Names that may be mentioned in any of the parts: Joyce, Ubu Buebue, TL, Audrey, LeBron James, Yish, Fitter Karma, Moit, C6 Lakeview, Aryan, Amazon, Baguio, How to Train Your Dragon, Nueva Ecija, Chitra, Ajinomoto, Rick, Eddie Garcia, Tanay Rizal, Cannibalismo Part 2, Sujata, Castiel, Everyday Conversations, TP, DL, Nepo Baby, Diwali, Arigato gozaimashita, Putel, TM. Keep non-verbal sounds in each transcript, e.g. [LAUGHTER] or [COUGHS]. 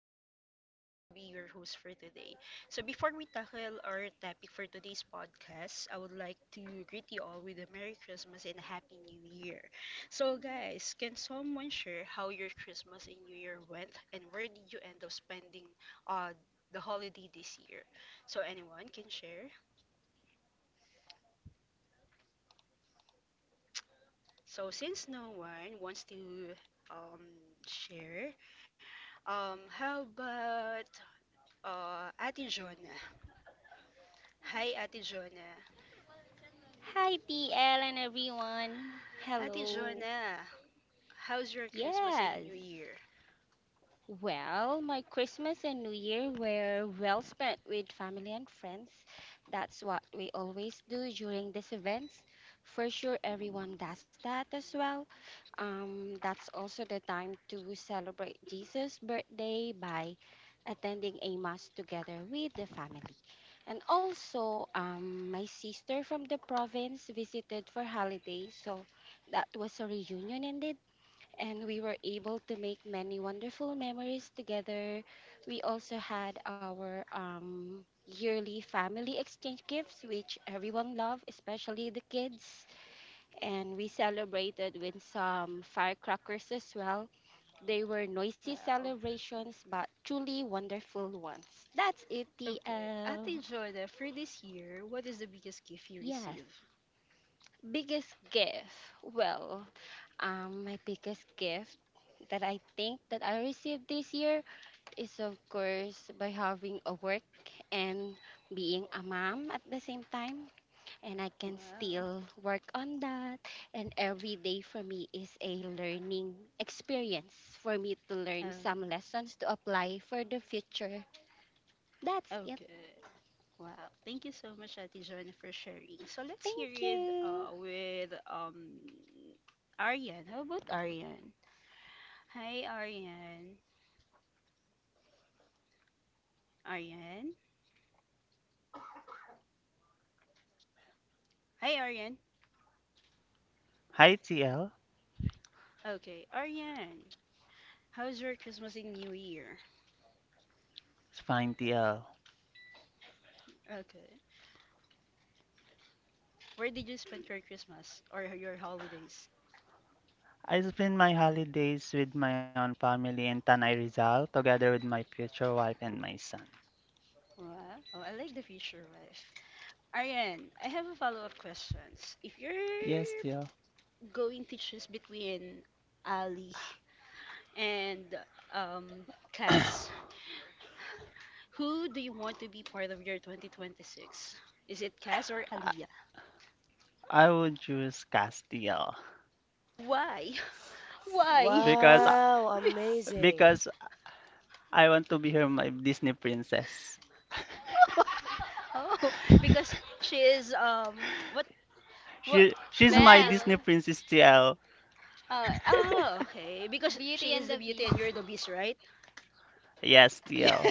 I'm Maris and I will be your host for today. So, before we tackle our topic for today's podcast, I would like to greet you all with a Merry Christmas and a Happy New Year. So, guys, can someone share how your Christmas and New Year went and where did you end up spending uh, the holiday this year? So, anyone can share? So, since no one wants to um, share, how about Ate Jonah. Hi, Ate Jonah. Hi, DL and everyone. Ate Hello. Jonah, how's your Christmas and Yes. New Year? Well, my Christmas and New Year were well spent with family and friends. That's what we always do during these events. For sure, everyone does that as well. That's also the time to celebrate Jesus' birthday by attending a mass together with the family. And also, my sister from the province visited for holidays, so that was a reunion indeed and we were able to make many wonderful memories together. We also had our yearly family exchange gifts, which everyone loved, especially the kids. And we celebrated with some firecrackers as well. They were noisy Wow. celebrations, but truly wonderful ones. That's it, Okay. TL. Ate Jonah, for this year, what is the biggest gift you Yes. receive? Biggest gift. Well, my biggest gift that I think that I received this year is, of course, by having a work and being a mom at the same time. And I can Wow. still work on that. And every day for me is a learning experience for me to Uh, learn some lessons to apply for the future. That's it. okay. Wow. Thank you so much, Ate Jonah, for sharing. So let's hear Thank it you. with Aryan. How about Aryan? Hi, Aryan. Aryan? Hi, Aryan. Hi TL, Okay, Aryan. How's your Christmas and New Year? it's fine TL. Okay. Where did you spend your Christmas or your holidays? I spend my holidays with my own family in Tanay Rizal together with my future wife and my son. Wow. Oh, I like the future wife. Ariane, I have a follow-up questions. If Yes, you're TL. going to choose between Ali and um, [COUGHS] Cass, who do you want to be part of your 2026? Is it Cass or I Aliyah? I would choose Castiel Why? [LAUGHS] Why? [LAUGHS] because Wow, Be- amazing. because I want to be her my Disney princess. [LAUGHS] oh, [LAUGHS] because she is what She's who my she is? Disney Well, princess, TL. Oh, okay. Because Beauty she and is the the beauty and you're Beast. the beast, right? [LAUGHS] Yes, Yeah. TL.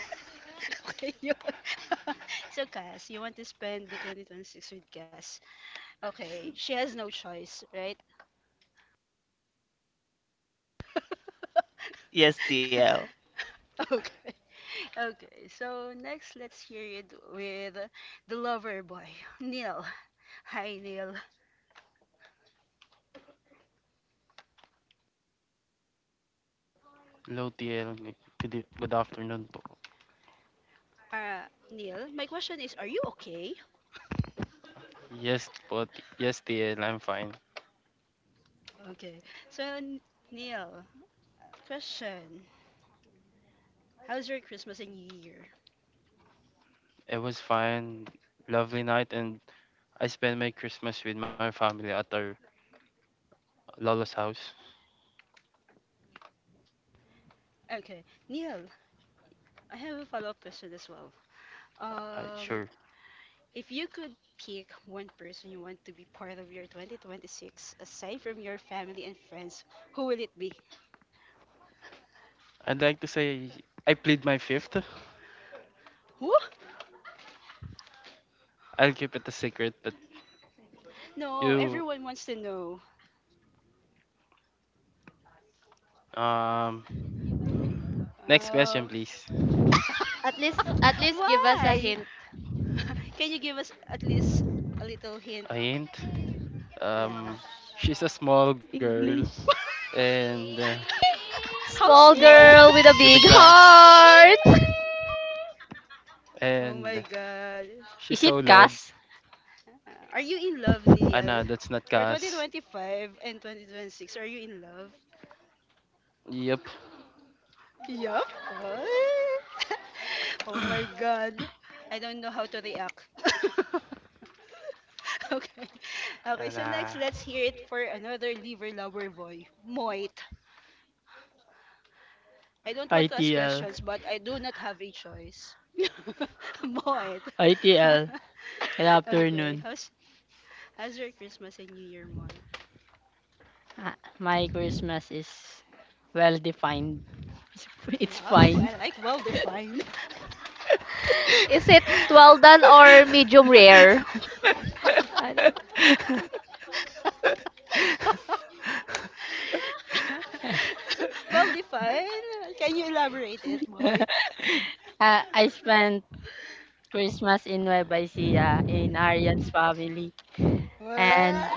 Okay, yun. [LAUGHS] So, Cass, you want to spend the 2026 with Cass. Okay, she has no choice, right? [LAUGHS] Yes, TL. Okay. Okay, so next, let's hear it with the lover boy, Neil. Hi, Neil. Hello, TL. Good afternoon po. Uh, Neil, my question is, are you okay? Yes, TL. I'm fine. Okay, so Neil, question. How's your Christmas and New Year? It was fine. Lovely night, and I spent my Christmas with my family at our Lola's house. Okay, Neil, I have a follow-up question as well. I- Um, sure. if you could pick one person you want to be part of your 2026, aside from your family and friends, who will it be? I'd like to say I plead my fifth. Who? I'll keep it a secret, but No, you. everyone wants to know. Um. Next question, Um, please. At [LAUGHS] least give us a why? hint. [LAUGHS] Can you give us at least a little hint? A hint. Yeah. Um. She's a small girl, English. and [LAUGHS] How Small small? girl with [LAUGHS] a with a big glass, heart. Oh and my god. she's Is so it loud. Cass? Are you in love, Neil? Ana, that's not For gas. 2025 and 2026, are you in love? Yep. Yup. Oh [LAUGHS] Oh my God. I don't know how to react. [LAUGHS] Okay. Okay, so Nah, next, let's hear it for another liver lover boy, Moit. I don't want to ask ITL. questions, but I do not have a choice. [LAUGHS] Moit. [LAUGHS] ITL. Good Okay, afternoon. how's your Christmas and New Year, Moit? Ah, my Christmas is well defined. It's, it's Wow, fine. [LAUGHS] I like well-defined. [LAUGHS] Is it well done or [LAUGHS] medium rare? [LAUGHS] I don't. Well defined. Can you elaborate it, White? Ah, I spent Christmas in Nueva Ecija in Aryan's family and Wow.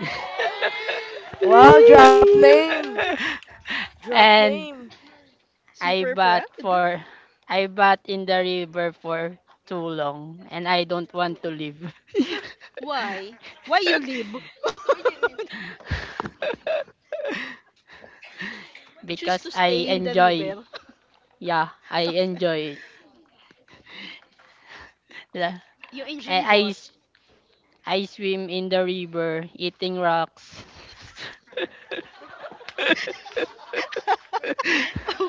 Wow, Oh drop my [LAUGHS] name. god. Drop [LAUGHS] and name. I Super bat proud. for I bat in the river for too long, and I don't want to leave. Why? Why you leave? [LAUGHS] [LAUGHS] Choose Because to I stay in the enjoy. river. [LAUGHS] Yeah, I Okay. enjoy it. La- You enjoy I, I, what? s- I swim in the river eating rocks. [LAUGHS] [LAUGHS] Okay.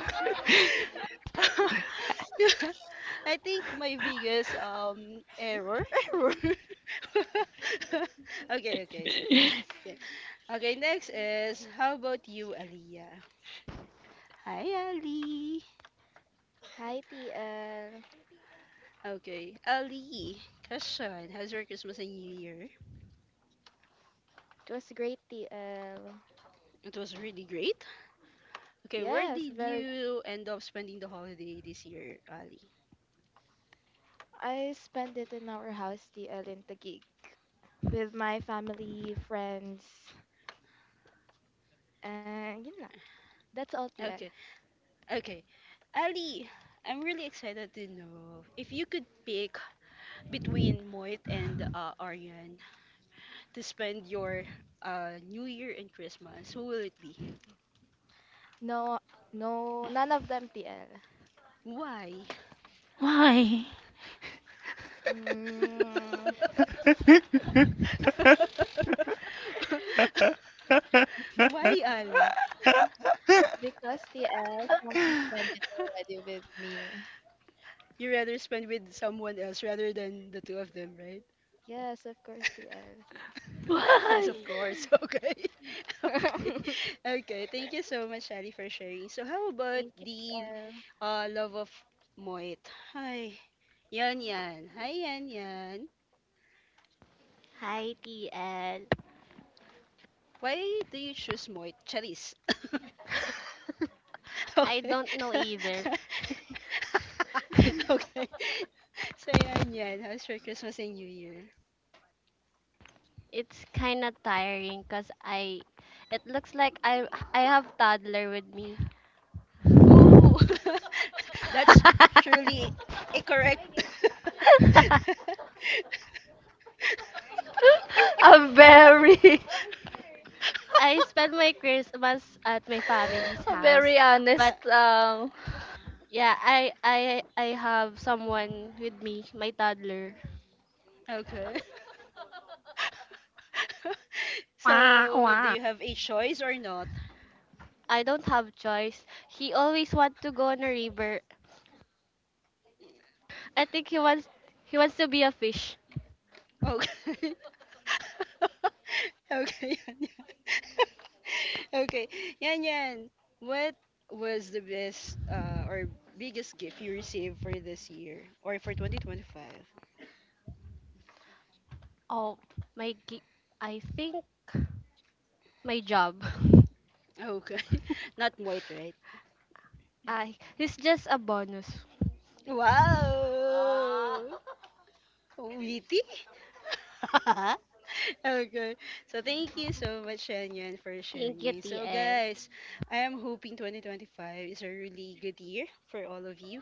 [LAUGHS] I think my biggest error [LAUGHS] error. [LAUGHS] Okay, okay, so, okay. Okay, next is how about you, Aliyah? Hi, Ali. Okay, Ali. Question: How's your Christmas and New Year? It was really great. Okay, where did you end up spending the holiday this year, Ali? Okay, Ali, I'm really excited to know if you could pick between Moit and Aryan to spend your New Year and Christmas, who will it be? Why? Why? [LAUGHS] [LAUGHS] Why, Ali? [LAUGHS] You rather spend with someone else rather than the two of them, right? [LAUGHS] Yes, of Why? course. [LAUGHS] Okay. [LAUGHS] Okay. Okay. Thank you so much, Ali, for sharing. So, how about the Ah, love of Moit. Hi. Yan, yan. Hi, yan, yan. Hi, TL. Why do you choose Moit? Charis. [LAUGHS] [LAUGHS] I Okay. don't know [LAUGHS] either. [LAUGHS] Okay. So, yan, yan. How's your Christmas and New Year? It's kind of tiring because I it looks like I have toddler with me. Oh, [LAUGHS] that's truly incorrect. [LAUGHS] [LAUGHS] A very, [LAUGHS] I spend my Christmas at my family's a house, very Uh, honest. but Um, yeah, I have someone with me, my toddler. okay. [LAUGHS] [LAUGHS] Wah, So, do wah. you have a choice or not? I don't have choice. He always want to go on a river. I think he wants to be a fish. Okay. [LAUGHS] Okay, [LAUGHS] yan, yan. [LAUGHS] Okay, yan yan. What was the best or biggest gift you received for this year or for 2025? Oh, my I think my job. [LAUGHS] Okay, [LAUGHS] not white, right? I it's just a bonus. Wow! [LAUGHS] Witty? [LAUGHS] Okay. So thank you so much, Shanyan, for Thank you, sharing. So TL. guys, I am hoping 2025 is a really good year for all of you.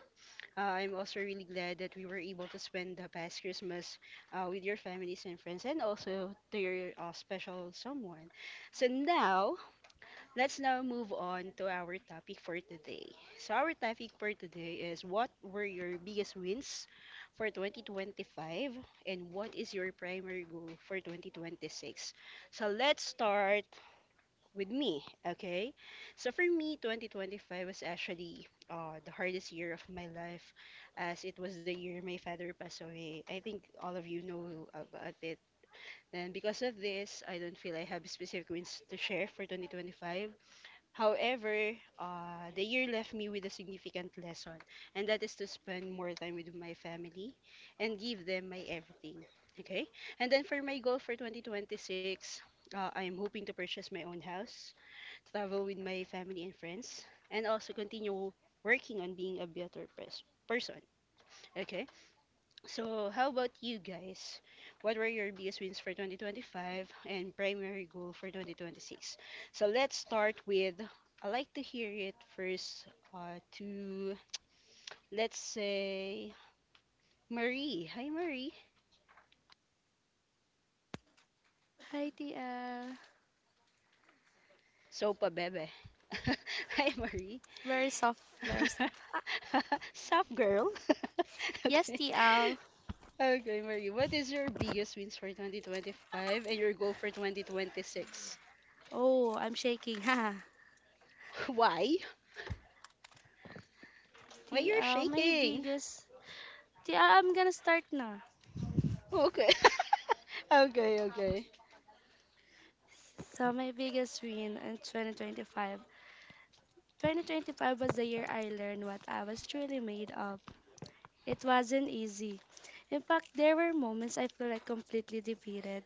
I'm also really glad that we were able to spend the past Christmas with your families and friends and also to your special someone. So now, let's now move on to our topic for today. So, our topic for today is what were your biggest wins for 2025 and what is your primary goal for 2026? So, let's start with me, okay? So, for me, 2025 was actually the hardest year of my life as it was the year my father passed away. I think all of you know about it. And because of this, I don't feel I have specific wins to share for 2025. However, the year left me with a significant lesson, and that is to spend more time with my family and give them my everything. Okay? And then for my goal for 2026, I am hoping to purchase my own house, travel with my family and friends, and also continue working on being a better person. Okay? So, how about you guys? What were your biggest wins for 2025 and primary goal for 2026? So, let's start with I like to hear it first to let's say Marie. Hi Marie. Hi, TL. So pa bebe. [LAUGHS] Hi Marie. Very soft. Ah, [LAUGHS] Sup girl. [LAUGHS] yes, Okay. TL. Okay, Marie. What is your biggest wins for 2025 and your goal for 2026? Oh, I'm shaking. [LAUGHS] Haha. [LAUGHS] Why? Why you're TL, my shaking? biggest. TL, I'm gonna start now. Okay. [LAUGHS] Okay, okay. So, my biggest win in 2025. 2025 was the year I learned what I was truly made of. It wasn't easy. In fact, there were moments I feel like completely defeated,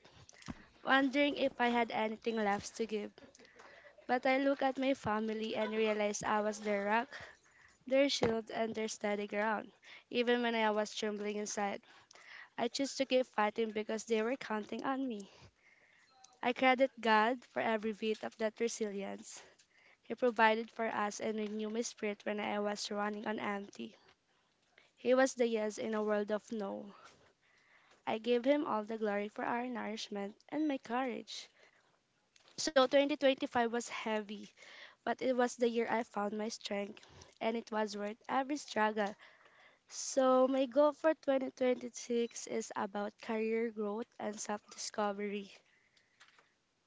wondering if I had anything left to give. But I look at my family and realize I was their rock, their shield, and their steady ground. Even when I was trembling inside, I chose to keep fighting because they were counting on me. I credit God for every bit of that resilience. He provided for us and renewed my spirit when I was running on empty. He was the yes in a world of no. I give him all the glory for our nourishment and my courage. So 2025 was heavy, but it was the year I found my strength, and it was worth every struggle. So, my goal for 2026 is about career growth and self discovery,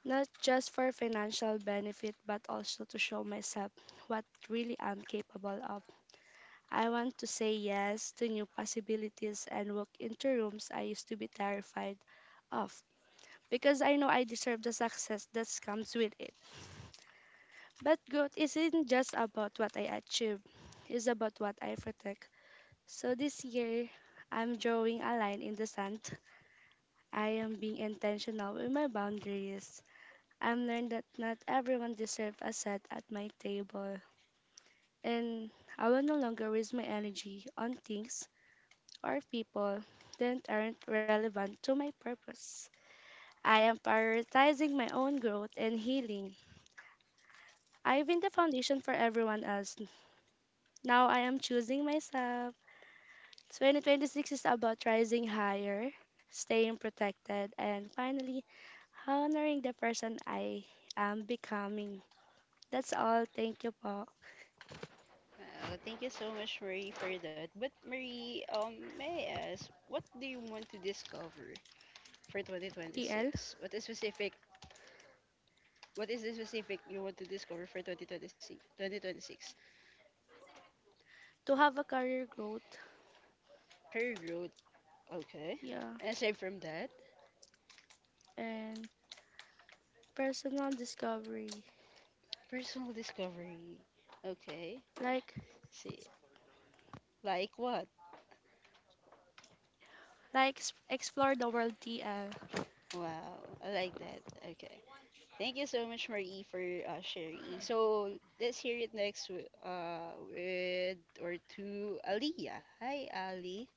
not just for financial benefit, but also to show myself what really I'm capable of. I want to say yes to new possibilities and walk into rooms I used to be terrified of, because I know I deserve the success that comes with it. But growth isn't just about what I achieve, it's about what I protect. So this year, I'm drawing a line in the sand. I am being intentional with my boundaries. I've learned that not everyone deserves a seat at my table, and I will no longer waste my energy on things or people that aren't relevant to my purpose. I am prioritizing my own growth and healing. I've been the foundation for everyone else. Now I am choosing myself. 2026 is about rising higher, staying protected, and finally honoring the person I am becoming. That's all. Thank you po, Oh, thank you so much, Marie, for that. But Marie, may I ask, what do you want to discover for TL. 2026? What is specific? What is the specific you want to discover for 2026? 2026? To have a career growth, Career growth. Okay. yeah, And aside from that, and personal discovery. personal discovery. Okay. Like, See, like what? Explore the world, TL. Wow, I like that. Okay. Thank you so much, Marie, for sharing. [LAUGHS] So let's hear it next with or to Aliyah. Hi, Ali.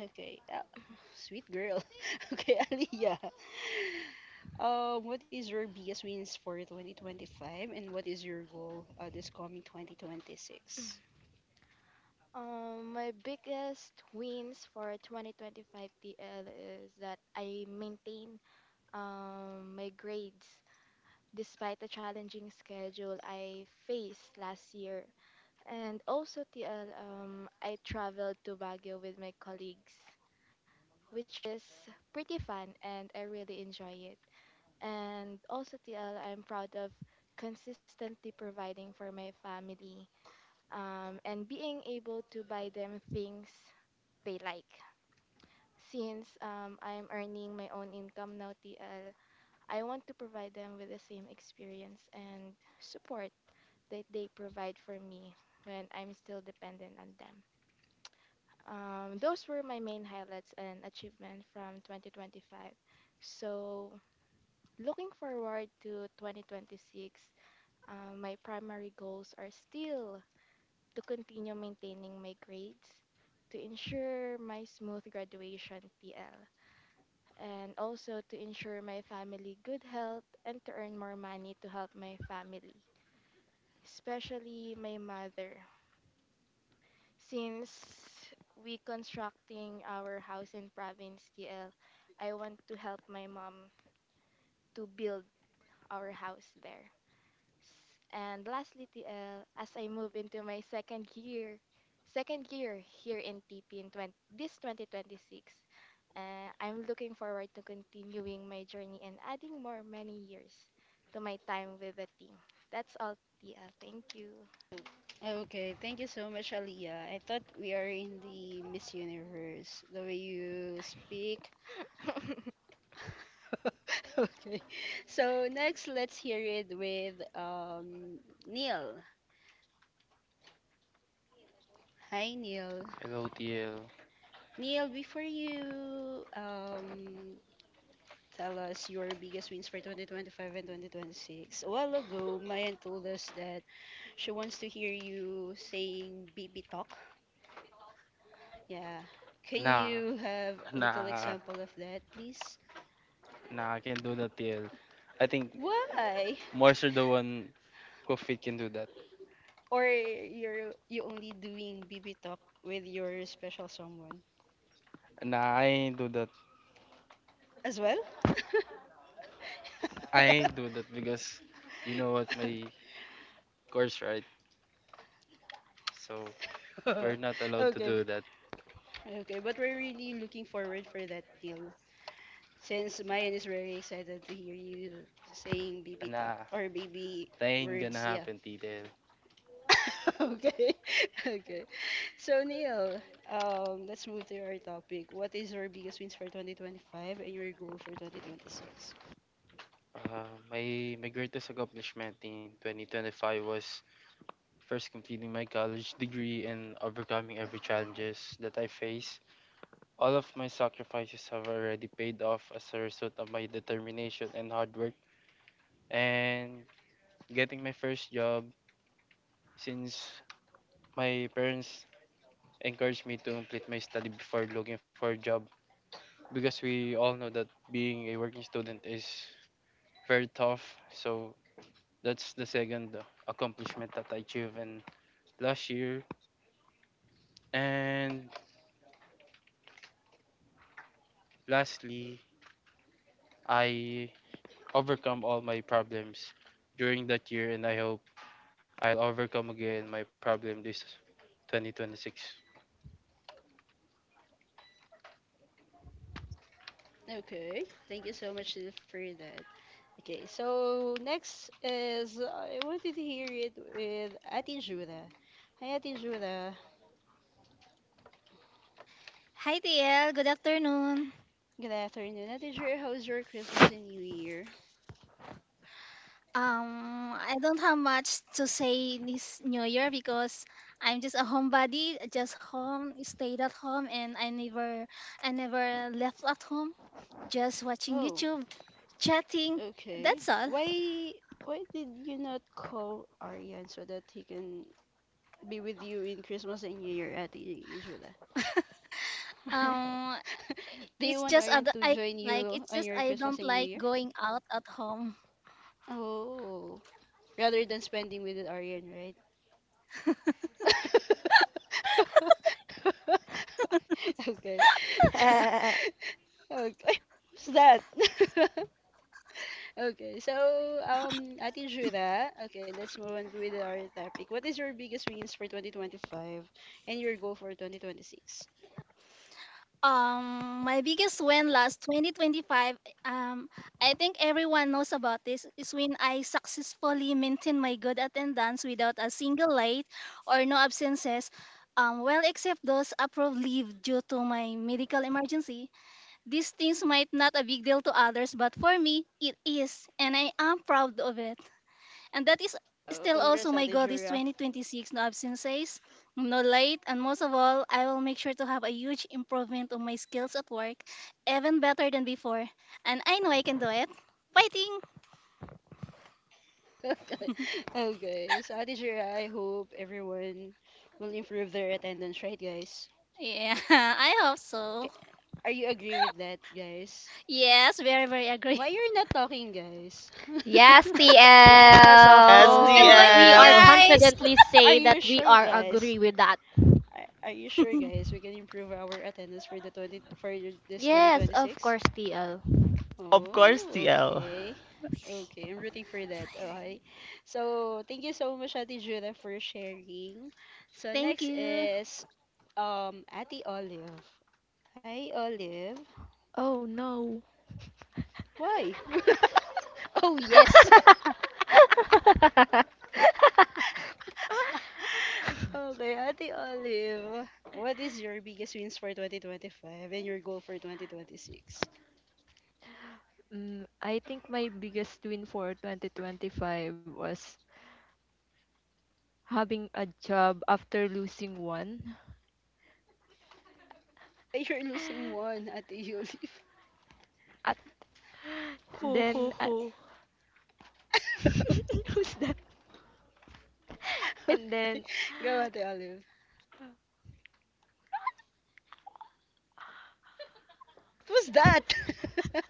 Okay, [LAUGHS] sweet girl. [LAUGHS] Okay, Aliyah. What is your biggest wins for 2025, and what is your goal this coming 2026? Okay, thank you so much, Aliyah. I thought we are in the Miss Universe. The way you speak, [LAUGHS] Okay. So next, let's hear it with Neil. Hi, Neil. hello TL. Neil, before you tell us your biggest wins for 2025 and 2026, a while ago, Mayan told us that she wants to hear you saying BB talk. Yeah. Can Nah, you have a little nah, example of that, please? nah, I can do that TL. I think Why? Moisture the one who fit can do that. Or you only doing BB talk with your special someone Nah, I ain't do that. as well? [LAUGHS] I ain't do that because you know what my [LAUGHS] course right. So we're not allowed to Okay, do that. okay, but we're really looking forward for that deal. Since Mayan is very excited to hear you saying baby talk Nah, or baby that ain't gonna words, yeah. happen TL. [LAUGHS] Okay, [LAUGHS] okay. So Neil, let's move to our topic. What is your biggest wins for 2025 and your goal for 2026? My greatest accomplishment in 2025 was first completing my college degree and overcoming every challenges that I face. All of my sacrifices have already paid off as a result of my determination and hard work. And getting my first job, since my parents encouraged me to complete my study before looking for a job, because we all know that being a working student is very tough. So that's the second accomplishment that I achieved in last year. And lastly, I overcome all my problems during that year, and I hope I'll overcome again my problem this 2026. Okay, thank you so much Lil, for that. Okay, so next is I wanted to hear it with Ate Judah. Hi, Ate Judah. Hi, TL. Good afternoon. Good afternoon, Ate Judah. How's your Christmas and New Year? I don't have much to say this New Year because I'm just a homebody, just home, stayed at home, and I never left at home. Just watching Oh, YouTube, chatting. okay. That's all. Why did you not call Aryan so that he can be with you in Christmas and New Year, Ate Judah? [LAUGHS] Um, Do you it's want just I Aryan d- to I join like. you It's on just your I Christmas don't and New like Year? going out at home. Oh, rather than spending with Aryan, right? [LAUGHS] Okay. [LAUGHS] Okay. [LAUGHS] What's that? [LAUGHS] Okay, so Ate Jura, okay, let's move on with our topic. What is your biggest wins for 2025 and your goal for 2026? My biggest win last 2025, um, I think everyone knows about this, is when I successfully maintained my good attendance without a single late or no absences, well, except those approved leave due to my medical emergency. These things might not a big deal to others, but for me, it is, and I am proud of it. And that is Oh, still also congrats, my Ate goal this Jura. 2026, no absences, no late, and most of all, I will make sure to have a huge improvement on my skills at work, even better than before. And I know I can do it. Fighting! [LAUGHS] Okay, [LAUGHS] okay. So Ate Jura, I hope everyone will improve their attendance, right, guys? Yeah, [LAUGHS] I hope so. K- Are you agree with that, guys? Yes, very, very agree. Why you're not talking, guys? yes, Yes, of [LAUGHS] Yes, You TL. can do it [LAUGHS] We too, are TL. course. guys! confidently Are say you that we sure, are guys? agree with that. Are you sure, guys? We can improve our attendance for the 20 for your- this Yes, of 2026? course, TL. Of course, Oh, TL. okay. Okay, I'm rooting for that. Okay. So, thank you so much, Ate Judah, for sharing. [LAUGHS] So, Thank next you. is Ate Olive. Hi, Olive. Oh no. Why? [LAUGHS] Oh, [LAUGHS] yes. [LAUGHS] [LAUGHS] Okay, Ate Olive, what is your biggest wins for 2025 and your goal for 2026? Mm, I think my biggest win for 2025 was having a job after losing one. Ay, You're losing [LAUGHS] one, Ate Olive. At Hoo then hoo at hoo. [LAUGHS] [LAUGHS] who's that? And then Okay, go Ate Olive. What was that? [LAUGHS] [LAUGHS]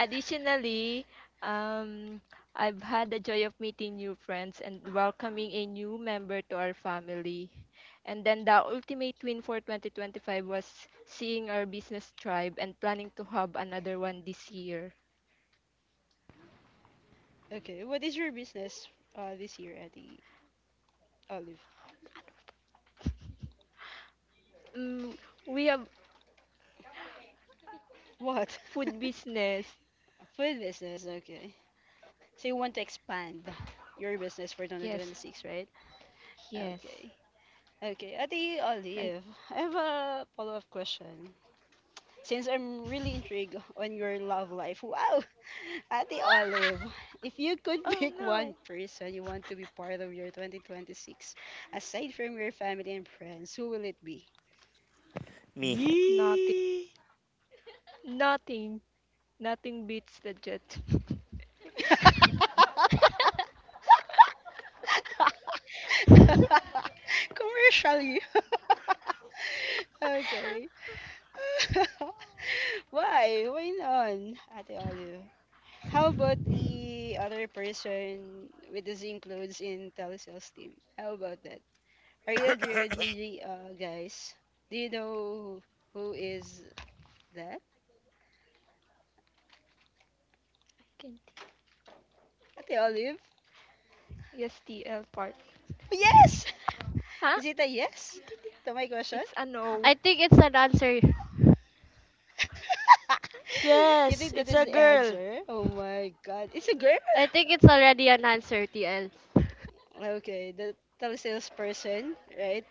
additionally, um, I've had the joy of meeting new friends and welcoming a new member to our family. And then the ultimate win for 2025 was seeing our business thrive and planning to have another one this year. Okay, what is your business this year, Ate Olive? Mm, we have What? food [LAUGHS] business. Food business, okay. So you want to expand your business for Yes, 2026, right? yes. Okay. Okay, Ate And Olive, I have a follow-up question. Since I'm really intrigued on your love life, wow, [LAUGHS] Ate Olive, if you could [LAUGHS] oh pick one no, person you want to be part of your 2026, aside from your family and friends, who will it be? Me, nothing, Yee. nothing, nothing beats the jet. [LAUGHS] [LAUGHS] I Commercially. [LAUGHS] Okay. [LAUGHS] Why? Why not, Ate Olive? How about the other person with the same clothes in telesales team? How about that? Are you agree with me, guys? Do you know who is that? can't. Ate Olive? Yes, TL part. Yes! Huh? [LAUGHS] Is it a yes to my question? It's a no. I think it's an answer. [LAUGHS] You Yes, think that it's is a the girl. answer? Oh my god, it's a girl! I think it's already an answer, TL. [LAUGHS] Okay, the telesales person, right?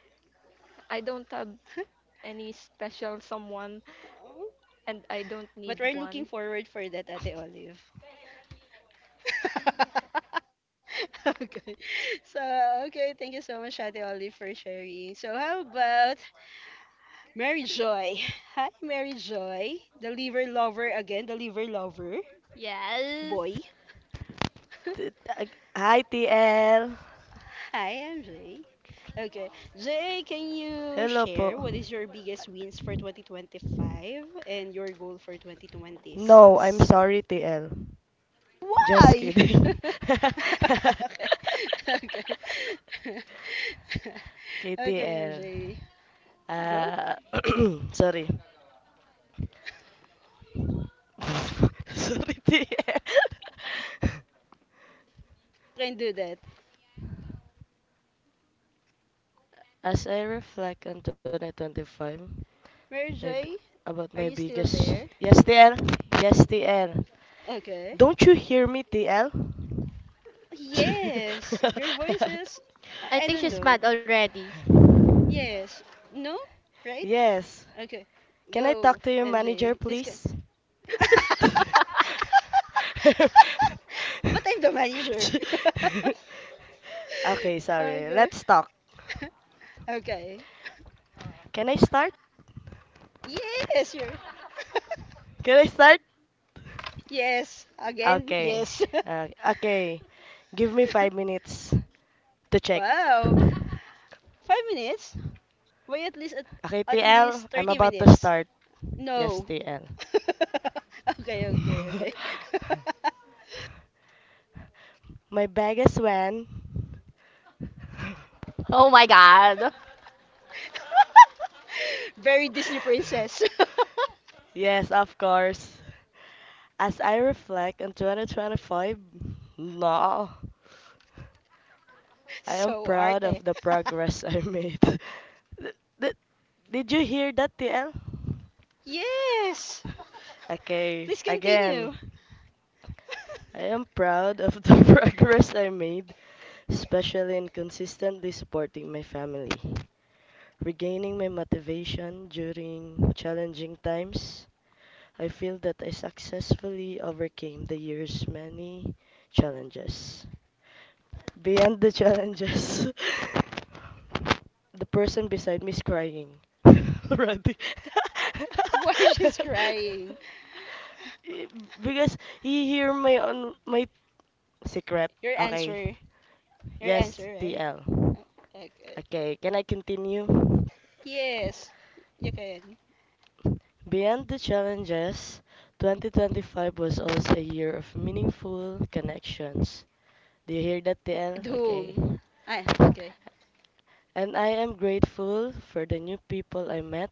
I don't have [LAUGHS] any special someone Oh, and I don't but need we're looking one. forward for that, Ate Olive. [LAUGHS] Okay. So, okay, thank you so much, Ate Oli, for sharing. So, how about Mary Joy? [LAUGHS] Hi, Mary Joy, the liver lover again, the liver lover Yes. boy. T- t- Hi, TL. [LAUGHS] Hi, I'm Jay. Okay, Jay, can you Hello po. share what is your biggest wins for 2025 and your goal for No, I'm 2026? sorry, TL. Just Why? [LAUGHS] kidding. Okay. [LAUGHS] Okay. [LAUGHS] Okay, KTL. Anjay. Go. Ah, [CLEARS THROAT] sorry. [LAUGHS] sorry, TL. [LAUGHS] Can do that. As I reflect on 2025, Mary my, b- Joy, about are my you still biggest. there? Yes, TL. Yes, TL. Okay. Don't you hear me, TL? Yes. Your voice is I I think don't she's know. mad already. [LAUGHS] Yes. No? Right? yes. Okay. Can I Go, talk to your manager, MJ. Please go. please? [LAUGHS] [LAUGHS] But I'm the manager. [LAUGHS] okay, sorry. Okay. Let's talk. [LAUGHS] Okay. Can I start? Yes, you're. [LAUGHS] Can I start? Yes, again, Okay. yes. [LAUGHS] Uh, okay. Give me 5 minutes to check. Wow, 5 minutes? Why at least at, Okay, at least TL, I'm thirty about to minutes? start. Yes, No. TL. [LAUGHS] Okay, okay, okay. [LAUGHS] [LAUGHS] My bag is when? [LAUGHS] Oh my God. [LAUGHS] Very Disney princess. Yes, of course. As I reflect on 2025, no, [LAUGHS] I am So proud arte. of the progress I made. [LAUGHS] Th- th- Did you hear that, TL? Yes. Okay, Please again. continue. [LAUGHS] I am proud of the [LAUGHS] progress I made, especially in consistently supporting my family. Regaining my motivation during challenging times, I feel that I successfully overcame the year's many challenges. Beyond the challenges, [LAUGHS] the person beside me is crying [LAUGHS] already. Why she's [LAUGHS] crying? Eh, because he hear my on my Secret. Your Okay. answer. Your Yes, answer, right? TL. Uh, Okay. Okay, can I continue? Yes. You can. Beyond the challenges, 2025 was also a year of meaningful connections. Do you hear that, TL? Okay. Doom. Ah, okay. And I am grateful for the new people I met,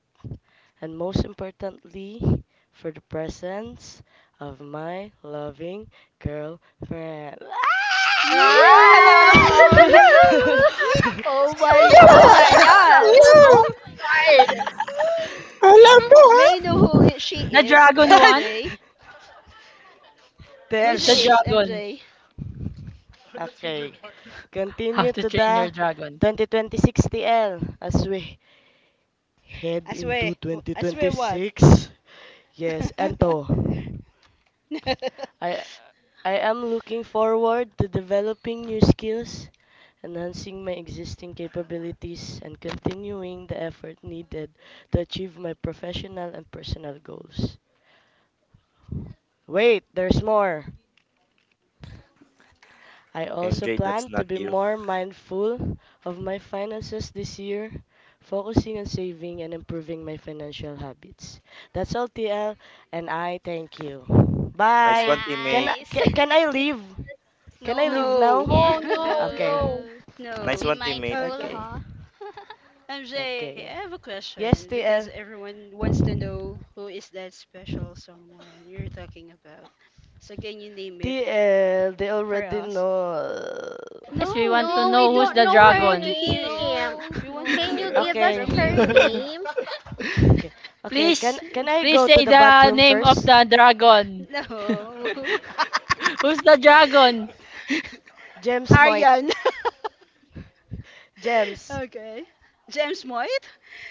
and most importantly, for the presence of my loving girlfriend. [LAUGHS] What? Wow! Woo! [LAUGHS] yeah, [LAUGHS] Oh my Oh Oh, god. my yes! god! Oh, [LAUGHS] yeah. God! Alam mo, ha? May I know she The is, dragon one? MJ? Who There, Who's the she shh. is, dragon? MJ? Okay, How to continue to train your the dragon. 2026. TL, as we head I into swear. I swear what? 2026. Yes, Anto, [LAUGHS] I I am looking forward to developing new skills, enhancing my existing capabilities, and continuing the effort needed to achieve my professional and personal goals. Wait, there's more. I also MJ, that's plan not to be you. more mindful of my finances this year, focusing on saving and improving my financial habits. That's all, TL, and I thank you. Nice one, Bye. Teammate. Nice. [LAUGHS] Can I leave? Can I No, you leave No. now? can't. Oh, Okay. No. no. [LAUGHS] Be Nice No. one, teammate. mindful, Okay. huh? Okay. MJ, I Okay. have a question Yes, because TL. everyone wants to know who is that special someone you're talking about. So can you name it TL, they for already us. know. Yes, we No, want they to No, don't we know who's don't the know. know We her want to dragon. hear it. No, name. We want to no, Can we you hear give don't us Okay. from know. her you. [LAUGHS] Ate name? Okay. [LAUGHS] [LAUGHS] Okay, can Please, can I please go to say the the bathroom name of first? the dragon. No. Who's the dragon? [LAUGHS] James Moy Aryan. [LAUGHS] Gems. Okay. James White?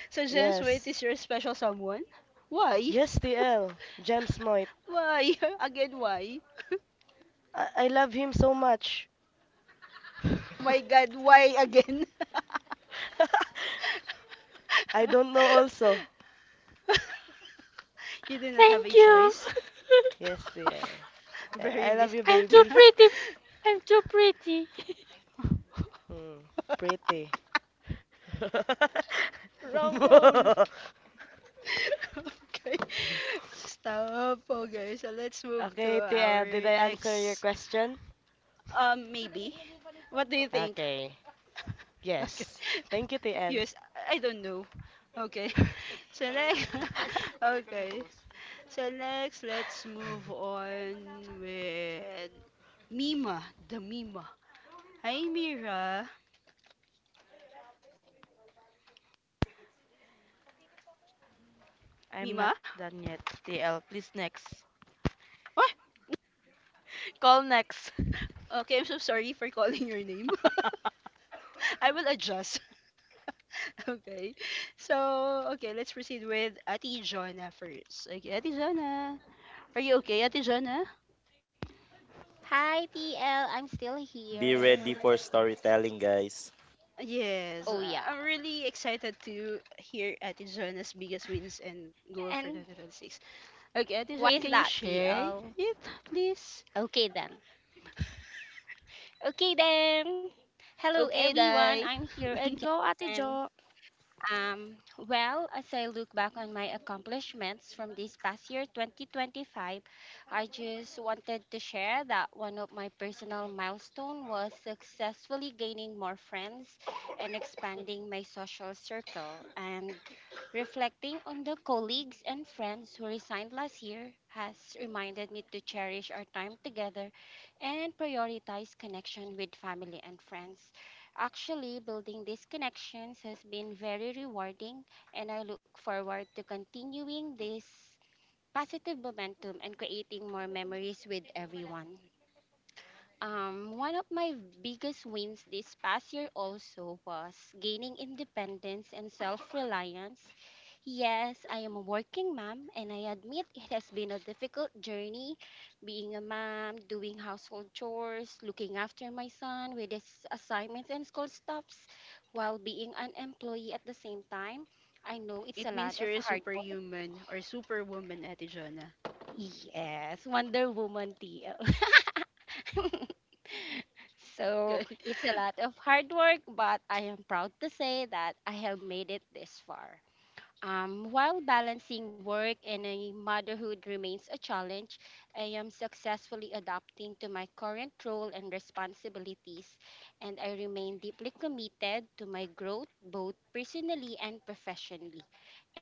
So James White Yes. is your special someone? Why? Yes, TL. Gems Moit. Why? [LAUGHS] Again, why? I love him so much. Oh my God, why again? [LAUGHS] I don't know also. [LAUGHS] You do not have a Thank you. choice. Yes, TL. [LAUGHS] Very I love vis- you, I'm too baby. pretty. I'm too pretty. Mm, [LAUGHS] pretty. [LAUGHS] Wrong hole. [LAUGHS] Okay. Stop. Okay, so let's move to okay, TL. Did our I answer your next. question? Maybe. What do you think? Okay. [LAUGHS] Okay. Yes. [LAUGHS] Thank you, TL. Yes, I don't know. Okay. [LAUGHS] So [LAUGHS] next, [LAUGHS] okay. So next, let's move on with Mima, the Mima. Hi, Mira. I'm Mima? not done yet. TL, please next. What? Call next. Okay, I'm so sorry for calling your name. [LAUGHS] I will adjust. Okay. So, okay, let's proceed with Ate Jonna first. Okay, Ate Jonna. Are you okay, Ate Jonna? Hi, TL. I'm still Be ready here. for storytelling, guys. Yes, Oh, yeah. I'm really excited to hear Ate Jonna's biggest wins and goal for And 2026. Okay, Ate why Jonna, can you is that, share it, TL? please? Okay, then. Okay, then. Hello, Okay, everyone. Dai. I'm here [LAUGHS] Go, Ate again. Jo. Um, well, as I look back on my accomplishments from this past year, 2025, I just wanted to share that one of my personal milestone was successfully gaining more friends and expanding my social circle. And reflecting on the colleagues and friends who resigned last year has reminded me to cherish our time together and prioritize connection with family and friends. Actually, building these connections has been very rewarding, and I look forward to continuing this positive momentum and creating more memories with everyone. One of my biggest wins this past year also was gaining independence and self reliance. Yes, I am a working mom, and I admit it has been a difficult journey being a mom, doing household chores, looking after my son with his assignments and school stuffs, while being an employee at the same time. I know it's It a means lot you're of a hard work. superhuman or superwoman, Ate Jonna. Yes, Wonder Woman TL. [LAUGHS] So Okay. [LAUGHS] it's a lot of hard work, but I am proud to say that I have made it this far. While balancing work and a motherhood remains a challenge, I am successfully adapting to my current role and responsibilities, and I remain deeply committed to my growth both personally and professionally.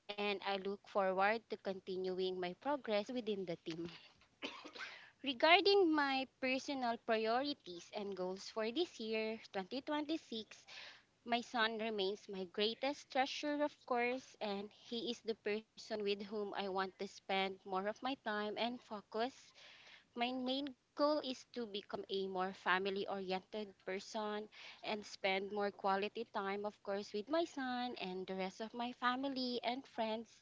And I look forward to continuing my progress within the team. Regarding my personal priorities and goals for this year, 2026, my son remains my greatest treasure, of course, and he is the person with whom I want to spend more of my time and focus. My main goal is to become a more family oriented person and spend more quality time, of course, with my son and the rest of my family and friends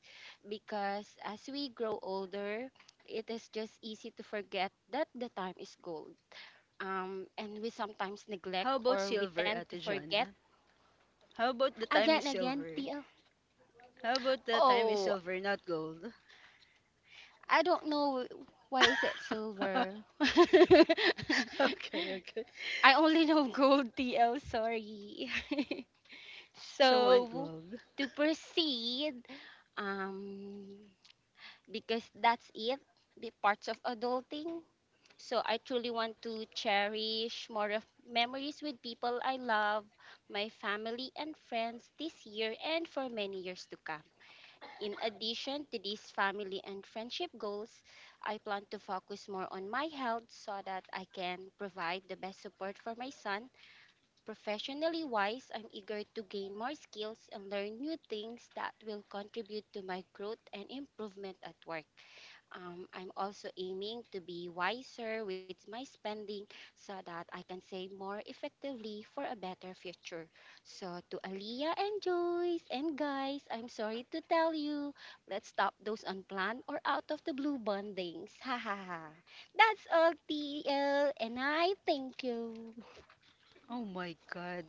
because as we grow older, it is just easy to forget that the time is gold. And we sometimes How neglect about or we silver, tend to Ate forget Jonna? How about the time is again, again, silver? TL. How about the time is Oh, silver, not gold? I don't know why is it [LAUGHS] silver. [LAUGHS] Okay, okay. I only know [LAUGHS] gold TL, sorry. [LAUGHS] So one So gold. to proceed, um because that's it, the parts of adulting. So I truly want to cherish more of memories with people I love, my family and friends this year and for many years to come. In addition to these family and friendship goals, I plan to focus more on my health so that I can provide the best support for my son. Professionally wise, I'm eager to gain more skills and learn new things that will contribute to my growth and improvement at work. I'm also aiming to be wiser with my spending so that I can save more effectively for a better future. So, to Aliyah and Joyce and guys, I'm sorry to tell you, let's stop those unplanned or out of the blue bondings. [LAUGHS] Ha ha ha. That's all, TL, and I thank you. Oh my God,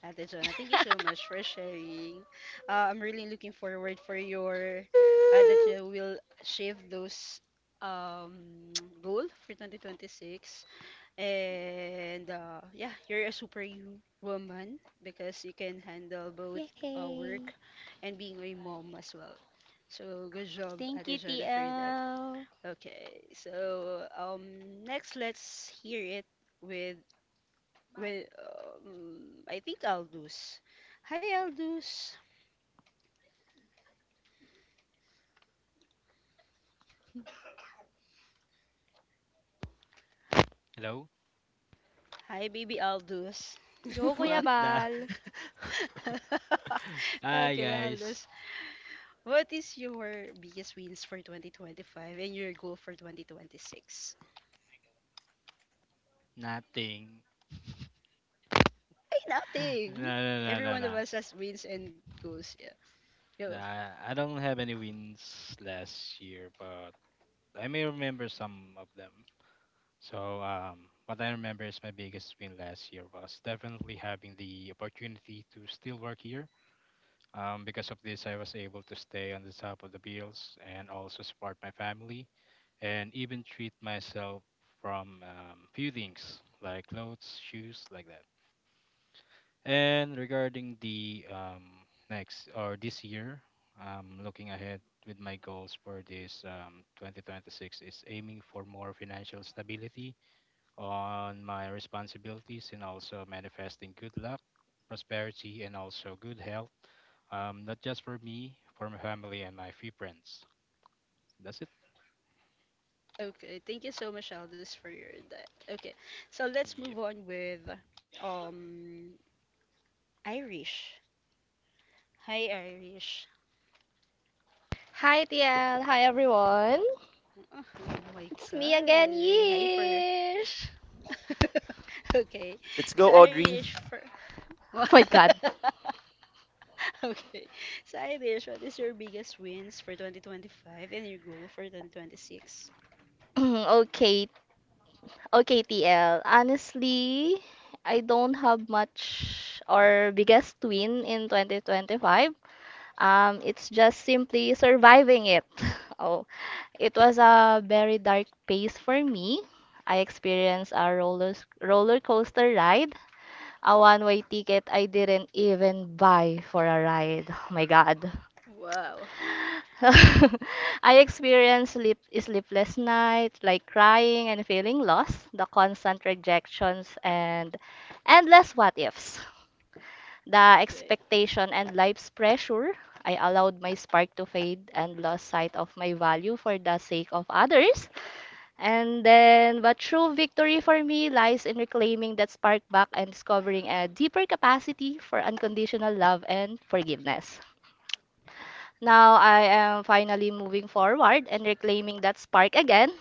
Ate Jonah, thank you so [LAUGHS] much for sharing. I'm really looking forward for your that you will achieve those um [TSK] goal for 2026. And yeah, you're a woman because you can handle both work Yay. and being a mom as well. So good job, Thank Ate you, Jonah, for that. TL. Okay, so next let's hear it with I think Aldous. Hi Aldous. Hello? Hi baby Aldous. [LAUGHS] [LAUGHS] Go, What Kuya the? Bal. [LAUGHS] Hi, Okay, guys. Aldous. What is your biggest wins for 2025 and your goal for 2026? Nothing. Hey, [LAUGHS] nothing. No, no, Every no, one no, of no. us has wins and goals. Yeah. Yo. Nah, I don't have any wins last year, but I may remember some of them. What I remember is my biggest win last year was definitely having the opportunity to still work here. Because of this, I was able to stay on the top of the bills and also support my family and even treat myself from few things like clothes, shoes, like that. And regarding the next or this year, looking ahead with my goals for this 2026 is aiming for more financial stability on my responsibilities and also manifesting good luck, prosperity, and also good health, not just for me, for my family and my few friends. That's it. Okay, thank you so much, Aldis, for your that. Okay, so Yeah. let's move on with um Irish. Hi, Irish. Hi, TL. Hi, everyone. Oh my It's God, me again, very hyper. Yish. [LAUGHS] Okay, Let's so go, Audrey. Irish for. [LAUGHS] Oh my God. Okay, so Irish, what is your biggest wins for 2025 and your goal for 2026? [CLEARS THROAT] okay, Okay, TL. Honestly, I don't have much or biggest win in 2025. It's just simply surviving it. [LAUGHS] Oh, it was a very dark pace for me. I experienced a roller coaster ride, a one-way ticket I didn't even buy for a ride. [SIGHS] Oh my God. Wow. [LAUGHS] I experienced sleepless night, like crying and feeling lost, the constant rejections and endless what ifs, the Okay. expectation and life's pressure. I allowed my spark to fade and lost sight of my value for the sake of others. But true victory for me lies in reclaiming that spark back and discovering a deeper capacity for unconditional love and forgiveness. Now I am finally moving forward and reclaiming that spark again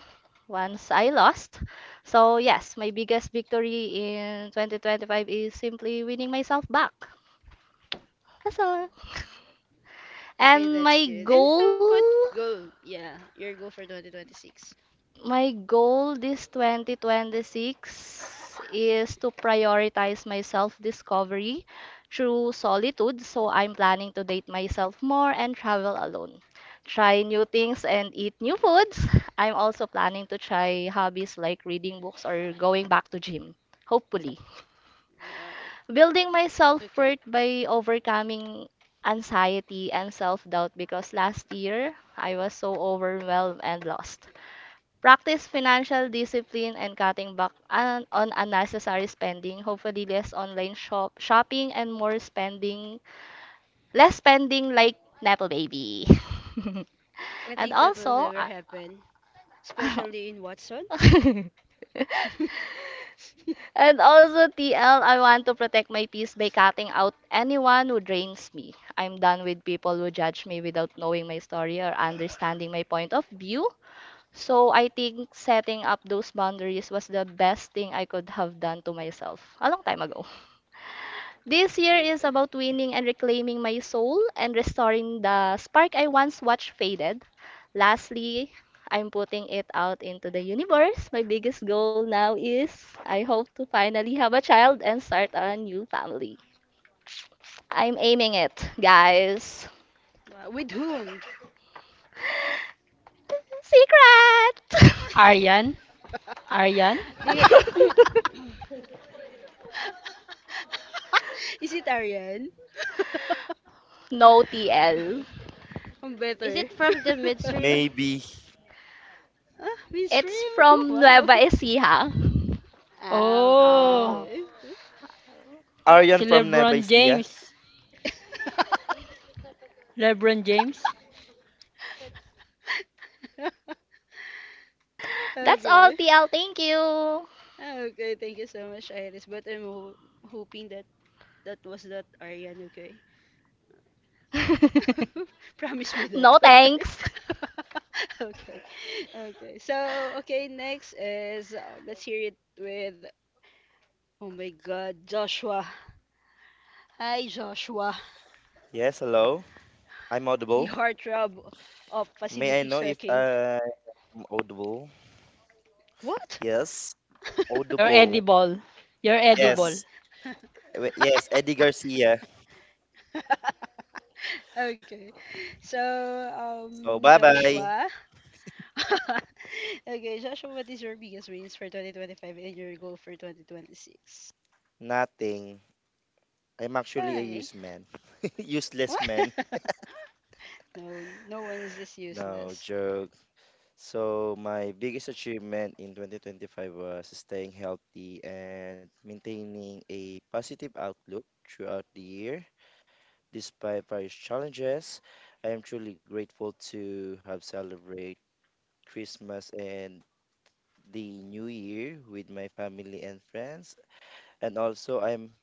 once I lost. So, yes, my biggest victory in 2025 is simply winning myself back. That's all. Okay, And that's my good. And how goal about goal? Yeah, your goal for 2026. My goal this 2026 is to prioritize my self-discovery through solitude. So I'm planning to date myself more and travel alone, try new things and eat new foods. I'm also planning to try hobbies like reading books or going back to gym, hopefully. Wow. Building my Okay. self-worth by overcoming anxiety and self-doubt, because last year I was so overwhelmed and lost. Practice financial discipline and cutting back on, unnecessary spending. Hopefully, less online shopping and more spending, less spending like Nepo Baby. I [LAUGHS] think and that will also, never I- happen, especially in Watson. [LAUGHS] [LAUGHS] and also, TL, I want to protect my peace by cutting out anyone who drains me. I'm done with people who judge me without knowing my story or understanding my point of view. So I think setting up those boundaries was the best thing I could have done to myself a long time ago. This year is Okay. about winning and reclaiming my soul and restoring the spark I once watched faded. Lastly, I'm putting it out into the universe. My biggest goal now is I hope to finally have a child and start a new family. I'm aiming it, guys. Wow, with whom? Secret! Aryan? [LAUGHS] Aryan? Do you [CLEARS THROAT] [LAUGHS] Is it Ariane? No TL. [LAUGHS] I'm is better. it from the [LAUGHS] midstream? Maybe. Ah, It's mainstream? [LAUGHS] from Wow. Nueva Ecija. Ah, okay, Oh, Oh. okay. si Aryan from LeBron Nebaisia. James. LeBron James, [LAUGHS] That's all, Okay. TL. Thank you. Ah, okay, thank you so much, Iris. But I'm hoping that that was not Ariane, okay? [LAUGHS] [LAUGHS] Promise me that. No Okay. thanks. [LAUGHS] Okay. Okay. So, okay, next is let's hear it with oh my god, Joshua. Hi Joshua, Yes, hello. I'm the audible. heartthrob of May facility I know if checking. I'm audible? What? Yes. [LAUGHS] you're Audible. edible. You're Uh, edible. Yes. Eh, yes, Eddie Garcia. Okay. So, So, bye-bye. Joshua. [LAUGHS] Okay, Joshua, what is your biggest wins for 2025 and your goal for 2026? Nothing. I'm actually a Hi. use man. [LAUGHS] Useless man. [LAUGHS] No, no one is this No useless. [LAUGHS] joke. So my biggest achievement in 2025 was staying healthy and maintaining a positive outlook throughout the year. Despite various challenges, I am truly grateful to have celebrate Christmas and the New Year with my family and friends. And also I'm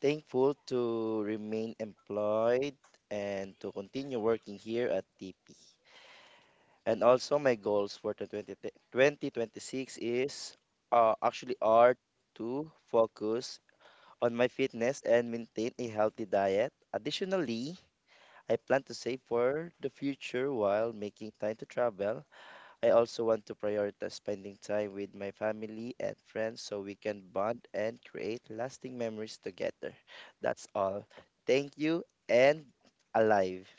thankful to remain employed and to continue working here at TP. And also my goals for the twenty twenty six is actually are to focus on my fitness and maintain a healthy diet. Additionally, I plan to save for the future while making time to travel. I also want to prioritize spending time with my family and friends so we can bond and create lasting memories together. That's all. Thank you and alive.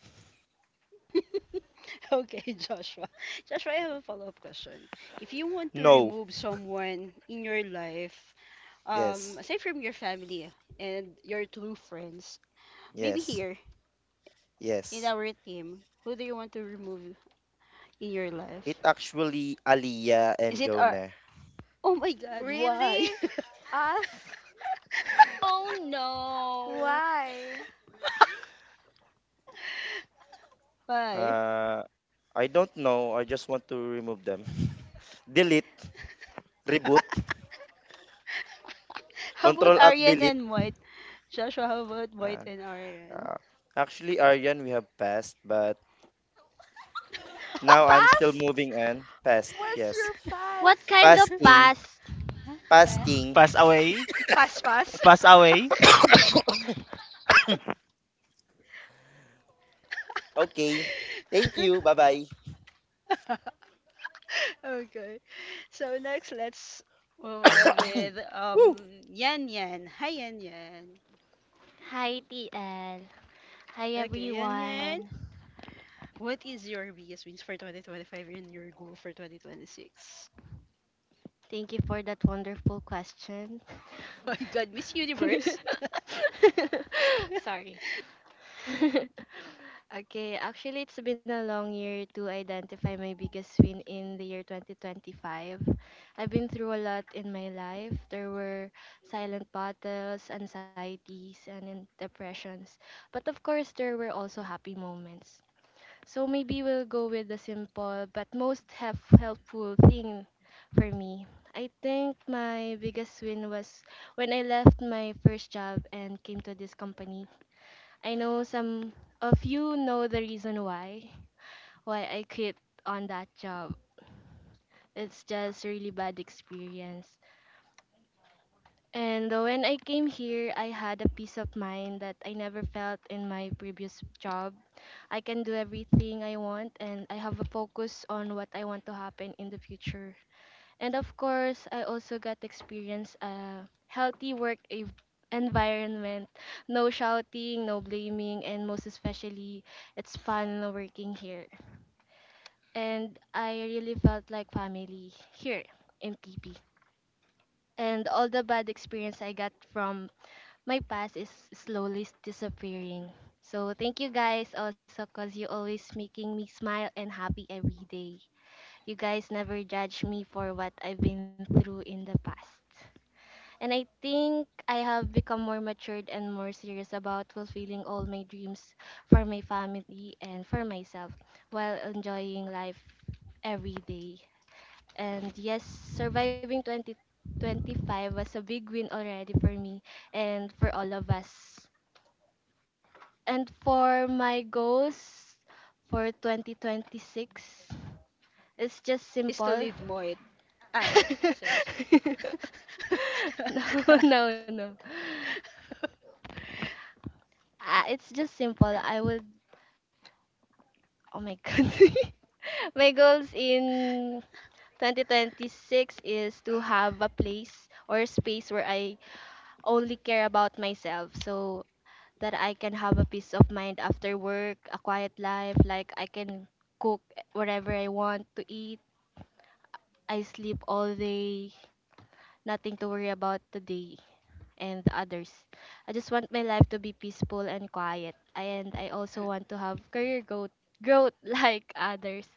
Okay, Joshua. Joshua, I have a follow-up question. If you want to oh, No. remove someone in your life, Yes. aside from your family and your true friends, maybe Yes. here in Yes. our team, who do you want to remove in your It life? actually Aliyah Is and it our... Jonah. Oh my God, why? Really? Us? Oh no. Why? [LAUGHS] Why? Uh, I don't know. I just want to remove them. [LAUGHS] Delete, reboot, [LAUGHS] How control about alt Aryan delete. and White? Joshua, how about Uh, White and Aryan? uh, Actually, Aryan, we have passed, but now I'm still Past? moving on. Past, What's yes. your What past? kind of [LAUGHS] Pasting, past? pasting. Pass away. Pass, pass. [LAUGHS] Pass away. Okay. Thank [LAUGHS] you. Bye bye. Okay. So next, let's move on [COUGHS] with Woo. Yan Yan. Hi Yan Yan. Hi TL. Hi Okay, Yan Yan. everyone. What is your biggest wins for 2025 and your goal for 2026? Thank you for that wonderful question. [LAUGHS] My God, Miss [LAUGHS] Universe [LAUGHS] Sorry. [LAUGHS] Okay, actually, it's been a long year to identify my biggest win in the year 2025. I've been through a lot in my life. There were silent battles, anxieties, and depressions. But of course, there were also happy moments. So maybe we'll go with the simple but most helpful thing for me. I think my biggest win was when I left my first job and came to this company. I know some of you know the reason why I quit on that job. It's just really bad experience. And when I came here, I had a peace of mind that I never felt in my previous job. I can do everything I want and I have a focus on what I want to happen in the future. And of course, I also got to experience a healthy work environment. No shouting, no blaming, and most especially, it's fun working here. And I really felt like family here in TP. And all the bad experience I got from my past is slowly disappearing. So thank you guys also cause you always making me smile and happy every day. You guys never judge me for what I've been through in the past. And I think I have become more matured and more serious about fulfilling all my dreams for my family and for myself while enjoying life every day. And yes, surviving 2025 was a big win already for me and for all of us. And for my goals for 2026, it's just is to simple. leave Moit. Oh, sorry, sorry. [LAUGHS] No, no. [LAUGHS] It's just simple. I would. Oh my [LAUGHS] god. [LAUGHS] My goals in 2026 is to have a place or space where I only care about myself so that I can have a peace of mind after work, a quiet life, like I can cook whatever I want to eat. I sleep all day, nothing to worry about today and others. I just want my life to be peaceful and quiet. And I also want to have career growth [LAUGHS] like others.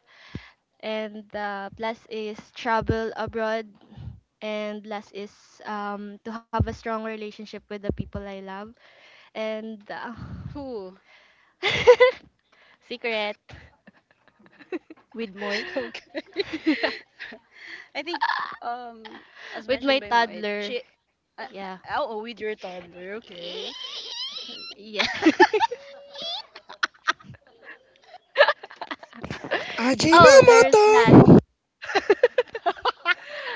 And plus is travel abroad. And last is to have a strong relationship with the people I love. And Who? [LAUGHS] secret With Moit. [LAUGHS] Okay. [LAUGHS] [LAUGHS] I think, um, as with mentioned by my Moit, she. toddler. Uh, Yeah. oh, with your toddler, okay. Yeah. [LAUGHS] [LAUGHS] Oh, there's Ajinomoto. last. [LAUGHS]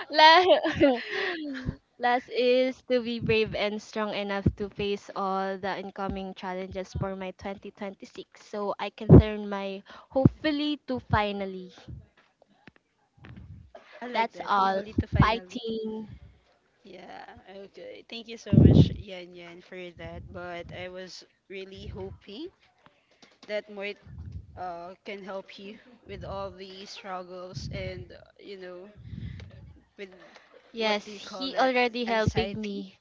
Last, [LAUGHS] last is to be brave and strong enough to face all the incoming challenges for my 2026 so I can turn my hopefully to finally. I like That's that. all. Hopefully, to finally. Fighting. Yeah, okay. Thank you so much, Yan Yan, for that. But I was really hoping that Moit can help you with all the struggles and, you know, with Yes, what do you call he that? already helping Anxiety. me.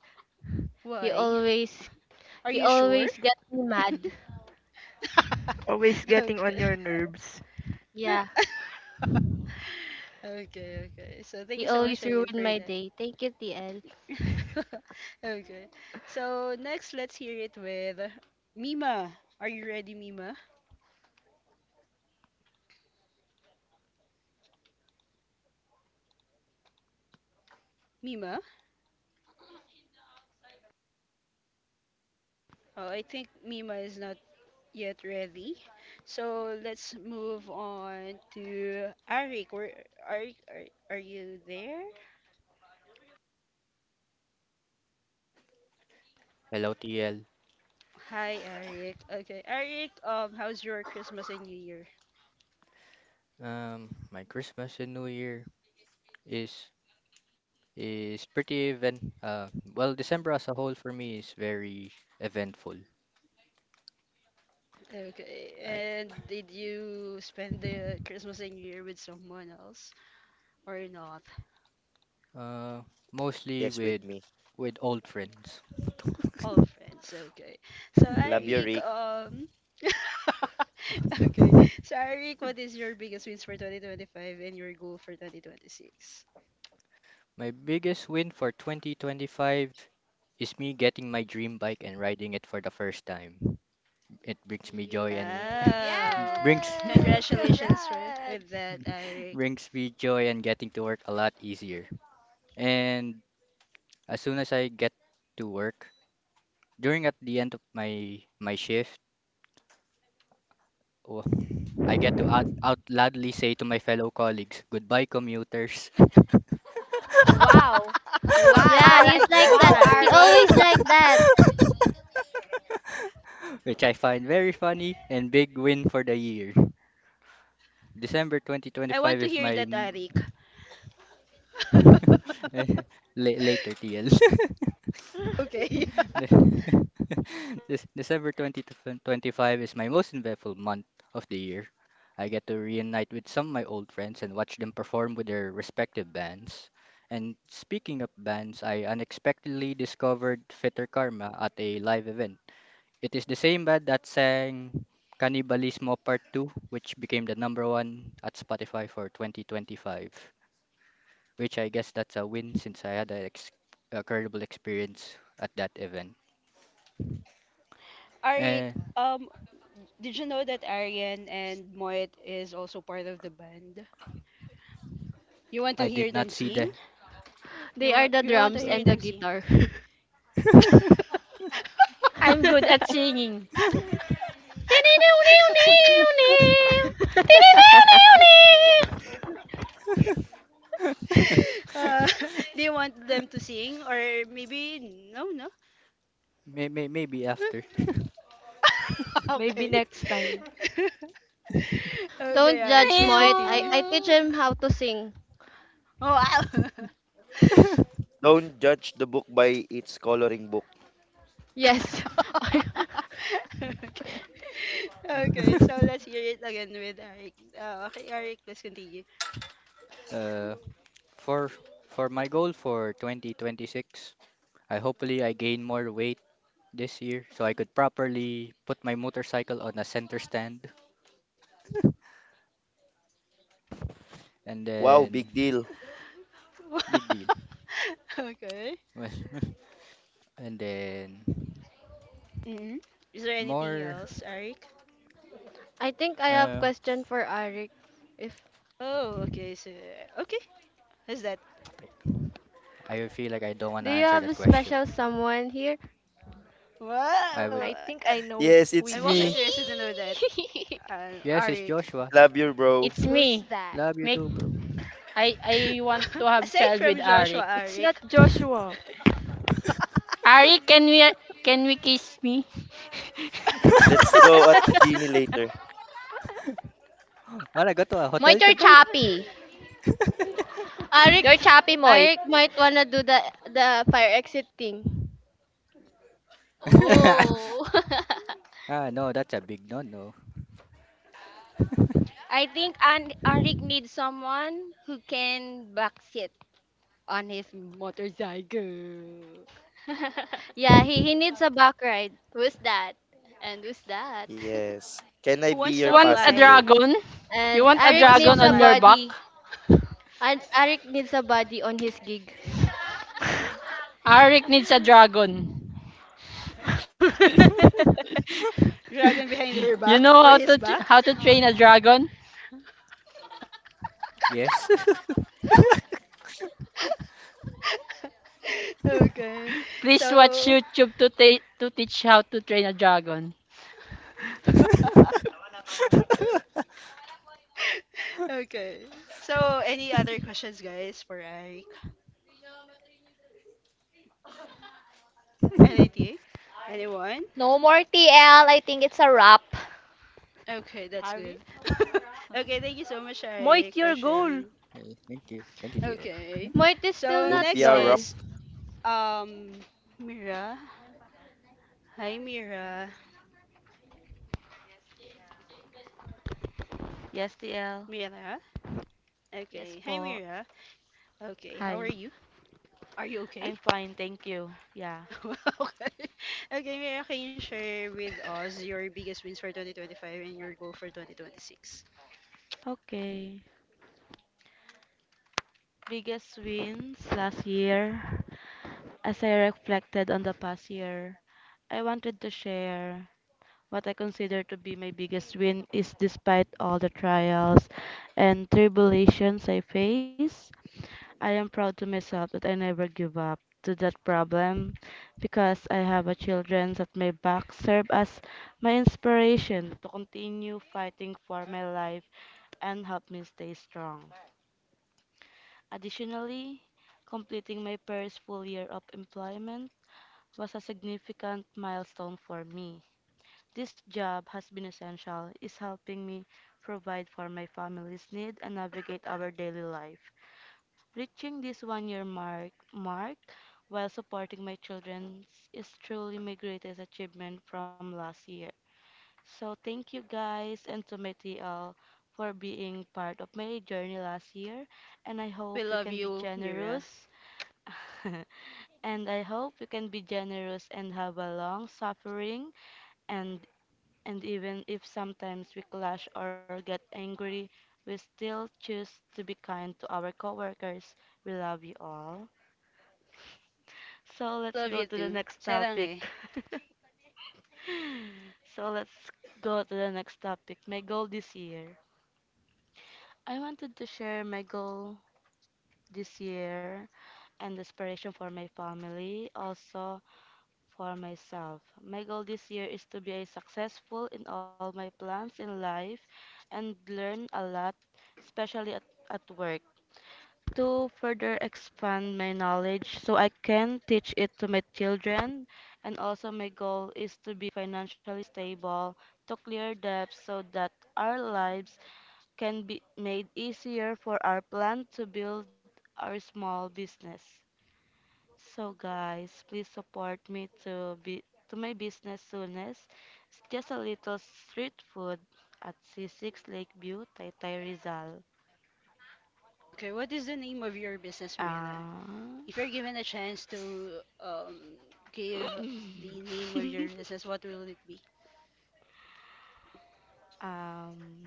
He Why? always Are he you sure? always gets me mad. [LAUGHS] Always getting on Okay. your nerves. [LAUGHS] Yeah, [LAUGHS] Okay, okay. So thank he you so much, always Ryan, for ruin my that. day. Thank you, TL. [LAUGHS] [LAUGHS] Okay. So next, let's hear it with Mima. Are you ready, Mima? Mima? Oh, I think Mima is not yet ready. So let's move on to Arik. Where are you there? Hello TL. Hi, Arik. Okay, Arik. How's your Christmas and New Year? My Christmas and New Year is is pretty event. Well, December as a whole for me is very eventful. Okay. I And did you spend the Christmas and New Year with someone else or not? uh mostly Yes, with with me. with old friends. All friends. Okay. So Love [LAUGHS] you, Eric, Rick. [LAUGHS] Okay. So Eric, what is your biggest wins for 2025 and your goal for 2026? My biggest win for 2025 is me getting my dream bike and riding it for the first time. It brings me joy and You. [LAUGHS] Wow. brings Yes! Congratulations for Congrats! with that, [LAUGHS] Eric. brings me joy and getting to work a lot easier. And as soon as I get to work, during at the end of my shift, oh, I get to out loudly say to my fellow colleagues, "Goodbye, commuters." [LAUGHS] [LAUGHS] Wow! I Yeah, Wow! like he's Ouch. that, like that. Wow, Eric. He [LAUGHS] always Arik! like Ouch. that. Which I find very funny and big win for the year. December I want 2025 to is hear my that, Eric. [LAUGHS] m- [LAUGHS] later TL. [LAUGHS] Okay. [LAUGHS] [LAUGHS] This December 20 to 25 is my most eventful month of the year. I get to reunite with some of my old friends and watch them perform with their respective bands. And speaking of bands, I unexpectedly discovered Fitter Karma at a live event. It is the same band that sang Cannibalismo Part 2, which became the number one at Spotify for 2025, which I guess that's a win since I had a incredible experience at that event. Arik, Eh, um, did you know that Arian and Moet is also part of the band? You I want to did hear not them see the sing? They are the You want to drums hear and the them sing? guitar. [LAUGHS] [LAUGHS] I'm good at singing. [LAUGHS] Uh, [LAUGHS] do you want them to sing or maybe no, no? Maybe after. [LAUGHS] Maybe Okay. next time. [LAUGHS] Okay, Don't Arik, judge please Moit. I, continue. I teach him how to sing. Oh, wow. [LAUGHS] [LAUGHS] Don't judge the book by its coloring book. Yes. [LAUGHS] [LAUGHS] Okay. Okay, so let's hear it again with Eric. Okay, Eric, let's continue. Uh, for my goal for 2026, I hopefully I gain more weight this year so I could properly put my motorcycle on a center stand and Wow, then big deal. big deal. [LAUGHS] Okay. Well, [LAUGHS] and then hmm Is there anything more else, Eric? I think I have uh question for Arik. If Oh, okay, so okay, how's that? okay, I feel like I don't want do to you answer have a that question. special someone here? I I would. Wow, think I know Yes, who it's I'm is also that. me. interested to know that, [LAUGHS] Yes, it's Eric. Joshua. Love you, bro. It's Who's me. that? Love you Make too, bro. I want to [LAUGHS] have Aside child from with Joshua, Arik. It's not Eric, Joshua. Arik, can we kiss me? [LAUGHS] [LAUGHS] Let's go at the genie later. Well, I got to a hotel Moit, you're today. choppy. Arik You're choppy, Moit. Arik might wanna do the fire exit thing. Oh. [LAUGHS] No, that's a big no-no. I think An- Arik needs someone who can backseat on his motorcycle. [LAUGHS] Yeah, he needs a back ride. Who's that? And who's that? [LAUGHS] Yes. Can I who be wants your to You want a apply? passenger? dragon? You And want a Who Arik wants to needs dragon a on your apply back? body. And Arik needs a body on his gig. Arik needs a dragon. Dragon behind [LAUGHS] her You back know or his back. how to train Olive. a dragon? Yes. [LAUGHS] Okay. Please watch So, YouTube to teach how to train a dragon. [LAUGHS] [LAUGHS] okay. So, any other questions, guys, for Ike? Anything? Anyone? No more TL. I think it's a wrap. Okay, that's good. [LAUGHS] Okay, thank you so much, Ike, Moit for your goal. sharing. Okay, thank you. Thank you, dear. Okay. Moit is still So, not next Lumpia Rock. done. is um Mira. Hi, Mira. Yes, TL. Mira. Yes Okay. Hi, po. Mira. Okay, how are Hi. you? Are you okay? I'm fine, thank you. Yeah. [LAUGHS] Okay. Okay, Mira, can you share with us your biggest wins for 2025 and your goal for 2026? Okay. Biggest wins last year. As I reflected on the past year, I wanted to share what I consider to be my biggest win is despite all the trials and tribulations I face, I am proud to myself that I never give up to that problem because I have a children that my back serve as my inspiration to continue fighting for my life and help me stay strong. Additionally, completing my first full year of employment was a significant milestone for me. This job has been essential, is helping me provide for my family's need and navigate our daily life. Reaching this 1 year mark while supporting my children is truly my greatest achievement from last year. So thank you guys and to my TL for being part of my journey last year, and I We hope you love can be you, Mira. generous [LAUGHS] and I hope you can be generous and have a long suffering, and even if sometimes we clash or get angry, we still choose to be kind to our coworkers. We love you all. So let's Love go you to too. the next Sarang topic. eh. [LAUGHS] So let's go to the next topic. My goal this year. I wanted to share my goal this year and inspiration for my family, also for myself. My goal this year is to be a successful in all my plans in life and learn a lot, especially at work, to further expand my knowledge so I can teach it to my children. And also, my goal is to be financially stable, to clear debts so that our lives can be made easier for our plan to build our small business. So, guys, please support me to be to my business soonest. It's just a little street food at C6 Lakeview, Taytay Rizal. Okay, what is the name of your business, Mira? Ah. If you're given a chance to give the name of your [LAUGHS] business, what will it be? Um,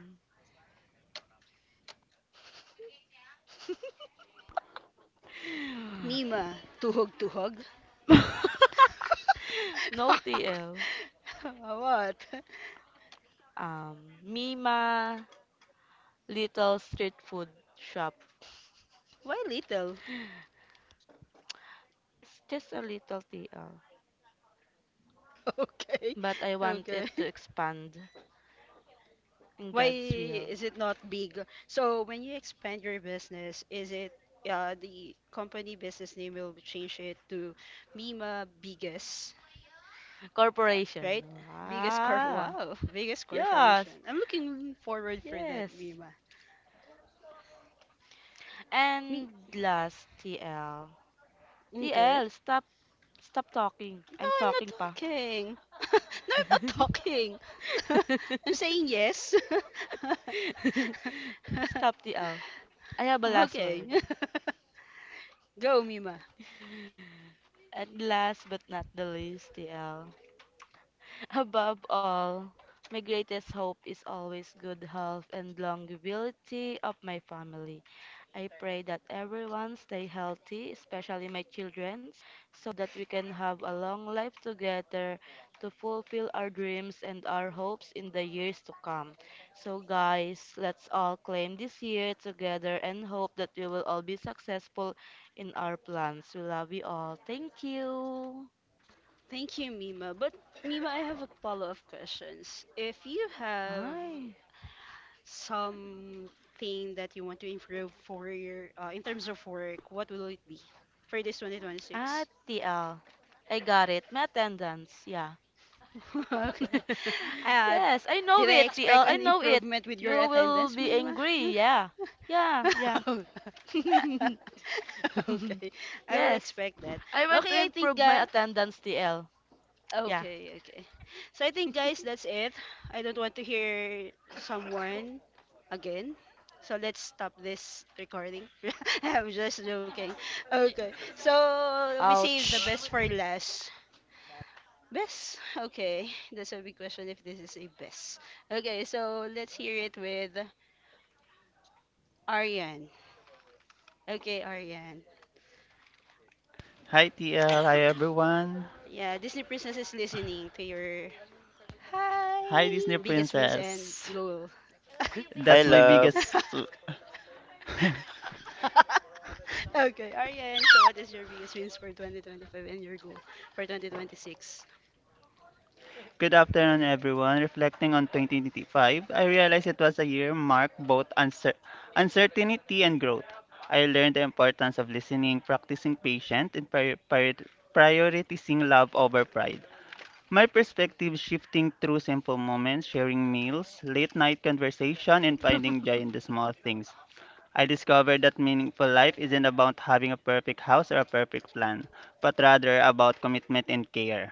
Mima, tuhog tuhog. [LAUGHS] no TL. [LAUGHS] What? Um, Mima, little street food shop. Why little? It's just a little TL. [LAUGHS] Okay. But I want it Okay. to expand in Why God's will. is it not big? So when you expand your business, is it the company business name will change it to Mima Biggest, right? Corporation. Biggest Corp. [LAUGHS] Ah, Wow, biggest corporation. yes, I'm looking forward for that, yes. Mima. Me. And last, TL. Okay. TL, stop talking. No, I'm I'm not talking pa. [LAUGHS] talking. [LAUGHS] No, I'm not talking. [LAUGHS] I'm saying yes. Stop TL. I [LAUGHS] have a last Okay. word. [LAUGHS] Go, Mima. And last but not the least, TL. Above all, my greatest hope is always good health and longevity of my family. I pray that everyone stay healthy, especially my children, so that we can have a long life together to fulfill our dreams and our hopes in the years to come. So guys, let's all claim this year together and hope that we will all be successful in our plans. We love you all. Thank you. Thank you, Mima. But Mima, I have a follow-up questions. If you have Bye. something that you want to improve for your in terms of work, what will it be for this 2026? Ah, TL. I got it. My attendance. Yeah. [LAUGHS] [LAUGHS] Okay. Uh, Yes, I did know I it, expect TL. an I know it. improvement with your You attendance, will be Mima? angry. Yeah. Yeah, yeah. [LAUGHS] [LAUGHS] Okay, [LAUGHS] I will Yes. expect that. I Okay, want I to think improve ga my attendance, TL. Yeah. okay, okay. So I think guys, that's it. I don't want to hear someone again. So let's stop this recording. [LAUGHS] I'm just joking. Okay. So we save the Ouch. best for last. Best? Okay. That's a big question if this is a best. Okay, so let's hear it with Ariane. Okay, Ariane. Hi TL, hi everyone. Yeah, Disney Princess is listening to your Hi Disney Hi. biggest wins and Princess. goal. That's Hi, my love. biggest. [LAUGHS] [LAUGHS] Okay, Ariane, so what is your biggest wins for 2025 and your goal for 2026? Good afternoon, everyone. Reflecting on 2025, I realized it was a year marked both uncertainty and growth. I learned the importance of listening, practicing patience, and prioritizing love over pride. My perspective shifting through simple moments, sharing meals, late night conversation, and finding joy [LAUGHS] in the small things. I discovered that meaningful life isn't about having a perfect house or a perfect plan, but rather about commitment and care.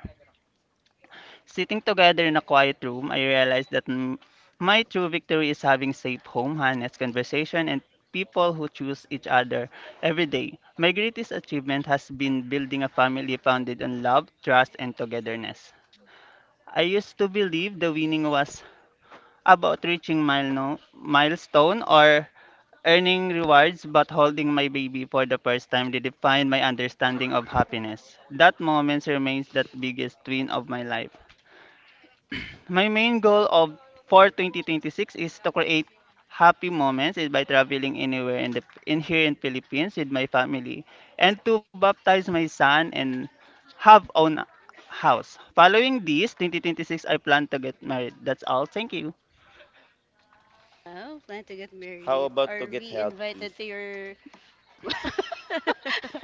Sitting together in a quiet room, I realized that my true victory is having safe home, honest conversation, and people who choose each other every day. My greatest achievement has been building a family founded on love, trust, and togetherness. I used to believe the winning was about reaching milestone or earning rewards, but holding my baby for the first time redefined my understanding of happiness. That moment remains the biggest twin of my life. My main goal of for 2026 is to create happy moments is by traveling anywhere in the in here in Philippines with my family and to baptize my son and have own house. Following this, 2026 I plan to get married. That's all. Thank you. Oh, plan to get married. How about Are to we get invited healthy? to your? [LAUGHS]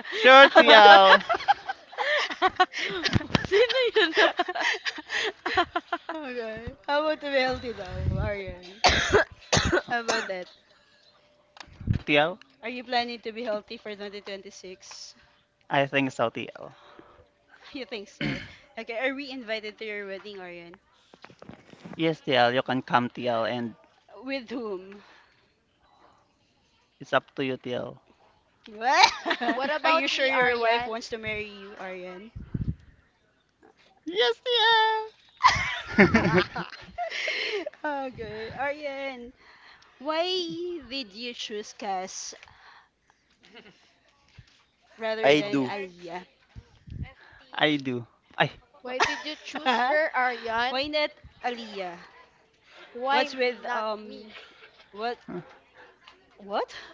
Sure, How about the? [LAUGHS] TL. Sino yun? [COUGHS] Okay. How about to be healthy now, Aryan? How about that? Are you planning to be healthy for 2026? [LAUGHS] I think so, TL. You think so? Okay. Are we invited to your wedding, Aryan? Yes, TL, you can come, TL, and With whom? it's up to you, TL. What? What [LAUGHS] Are you about sure me, your wife Aryan? wants to marry you, Aryan? Yes, TL. [LAUGHS] Okay. Aryan, why did you choose Cass rather I than do. Aliyah? [LAUGHS] I do. I, Why did you choose her, [LAUGHS] Aryan? Why not Aliyah? Why What's with not me? What what? [LAUGHS]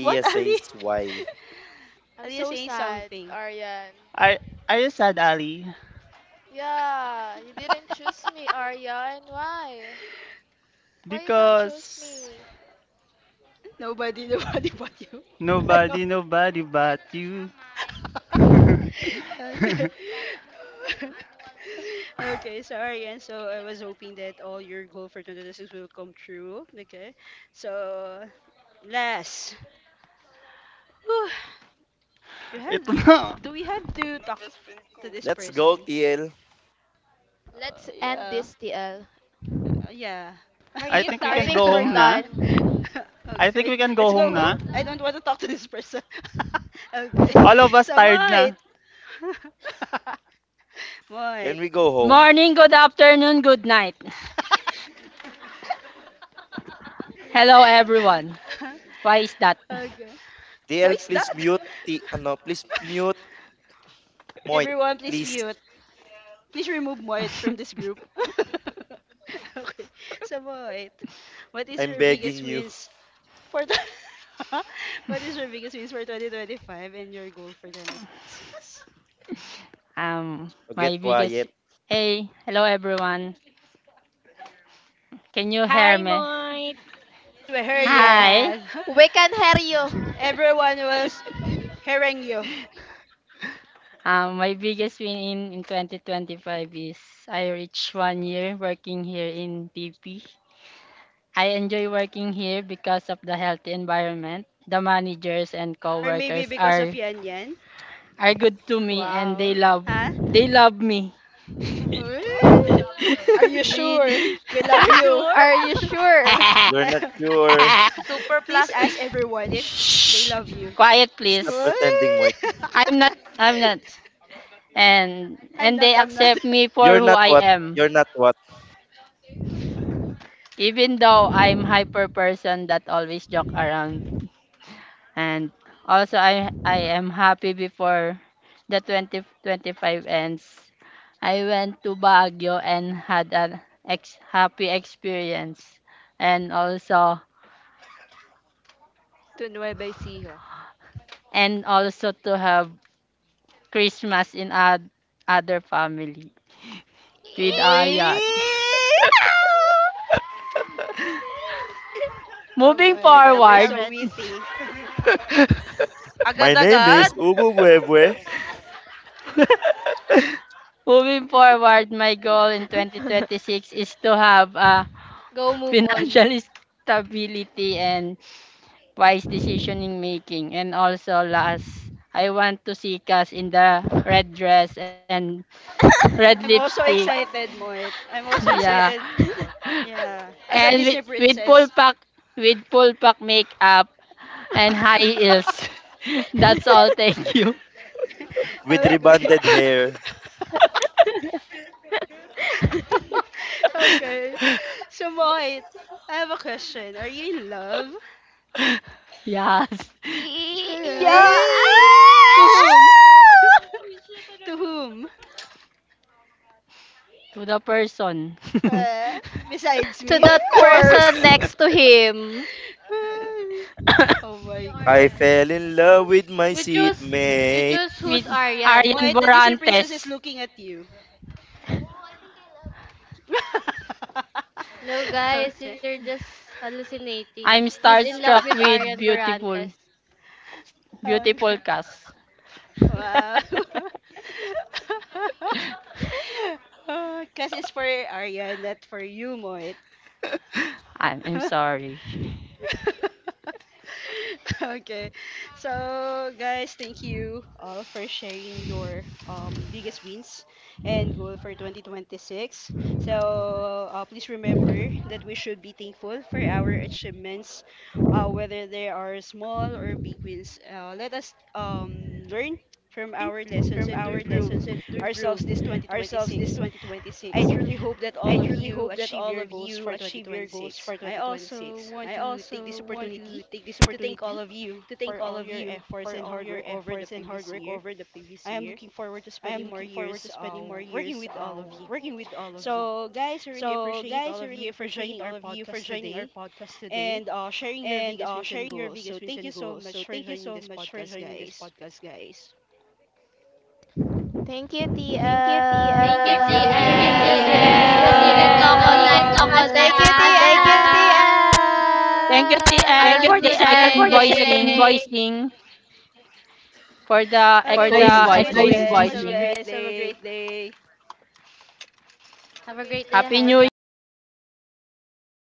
What Ali? says why. [LAUGHS] I'm Aliyah so saying sad, something. Aryan. I, are you sad, Ali? Yeah, you didn't choose me, [LAUGHS] Aryan. Why? Why you don't choose Because me? Nobody, nobody but you. [LAUGHS] nobody, nobody but you. [LAUGHS] [LAUGHS] Okay. [LAUGHS] [LAUGHS] Okay, sorry. And so I was hoping that all your goal for 2026 will come true. Okay. So, last. Whew. Do you have Ito na. do we have to talk to this Let's go, person? TL. Let's Uh, end yeah. this TL. Yeah. Are I you think we I can tired, [LAUGHS] think go we're home na. DL? done. I think Okay. we can go Let's home go home. na. I don't want to talk to this person. [LAUGHS] Okay. All of us [LAUGHS] So, tired might. na. [LAUGHS] Might. Can we go Good home? morning, good afternoon, good night. [LAUGHS] Hello everyone. [LAUGHS] Why is that? Okay. Why TL, is please that? mute. T [LAUGHS] ano, please mute. Moit, Everyone, please please. mute. Please remove Moit from this [LAUGHS] group. [LAUGHS] Okay. So, Moit, what is I'm your biggest begging you wins for the... [LAUGHS] What is your biggest wins for 2025 and your goal for 2026? um to my get biggest quiet. Hey, hello everyone. Can you hear Hi, me? Moit. We hear you. Hi. Yes. [LAUGHS] We can hear you. Everyone was hearing you. My biggest win in 2025 is I reached one year working here in TP. I enjoy working here because of the healthy environment. The managers and Or maybe coworkers because are of Yan Yan. are good to me, and Wow. they love Huh? they love me. Wee! Are [LAUGHS] you sure? Really? We love you. [LAUGHS] Are you sure? You're not [LAUGHS] sure. Super Please ask plastic. everyone if Shh. they love you. Quiet please. Stop Wee! pretending, [LAUGHS] Moit. I'm not I'm not and I'm and they not, I'm not. accept [LAUGHS] me for You're who not I what? am. You're not what? Even though I'm hyper person that always joke around, and also I am happy before the 2025 ends. I went to Baguio and had happy experience, and also To Nueva Ecija. To have Christmas in other family with our We yacht. [LAUGHS] Oh Moving my god, you're forward, so witty. [LAUGHS] My name is Agad-agad. Ubu Buebue Moving forward, my goal in 2026 is to have a Go [LAUGHS] move on. financial stability and wise decisioning making. And also last, I want to see Cass in the red dress and red I'm also lipstick. [LAUGHS] excited, Moit. I'm also Yeah. excited. Yeah, as And a with, Disney with full princess. pack, makeup and high heels. [LAUGHS] That's all. Thank [LAUGHS] you. with Okay. rebonded hair. [LAUGHS] [LAUGHS] [LAUGHS] [LAUGHS] Okay. So, Mohit, I have a question. Are you in love? Yes. Eh? Yeah. To whom? [LAUGHS] [LAUGHS] To whom? To the person. [LAUGHS] Eh? Besides To me? the of [LAUGHS] person course. next to him. Oh my I God. fell in love with my You choose you seatmate. choose With who's Aryan. Arian Mohit, the Disney princess Borantes. is looking at you. [LAUGHS] No, guys, you're Okay. just hallucinating. I'm He's in love with starstruck Arian with [LAUGHS] Borantes. beautiful, beautiful Okay. cast. Wow. [LAUGHS] Because it's for Arya, not for you, Moit. I'm [LAUGHS] sorry. Okay. So, guys, thank you all for sharing your biggest wins and goal for 2026. So, please remember that we should be thankful for our achievements, whether they are small or big wins. Let us learn from our lessons and to improve ourselves this 2026. I truly hope that all of you achieve your goals for 2026. I also want to take this opportunity to thank all of you for all your efforts and hard work over the previous year. I am looking forward to spending more years working with all of you. So, guys, I really appreciate all of you for joining our podcast today and sharing your biggest wins and goals. So, thank you so much for joining this podcast, guys. Thank you, Thank you, T. Thank Thank Thank you you, you, Thank you, Putel. L. TL. TL. Thank you, Thank TM. you, TL. Thank Thank you, TL. TL. Arigato TL. Arigato Thank you, gozaimashita. gozaimashita. TL. Thank you, Have Thank TL, you, a for T. the good L. T. second L. day. voicing, for the Okay, thank Nice echoing you so G. much, voicing. guys. Have a great day. Have Have a a great great day. day Happy ahead. New Bye. Year! Happy birthday. Happy birthday.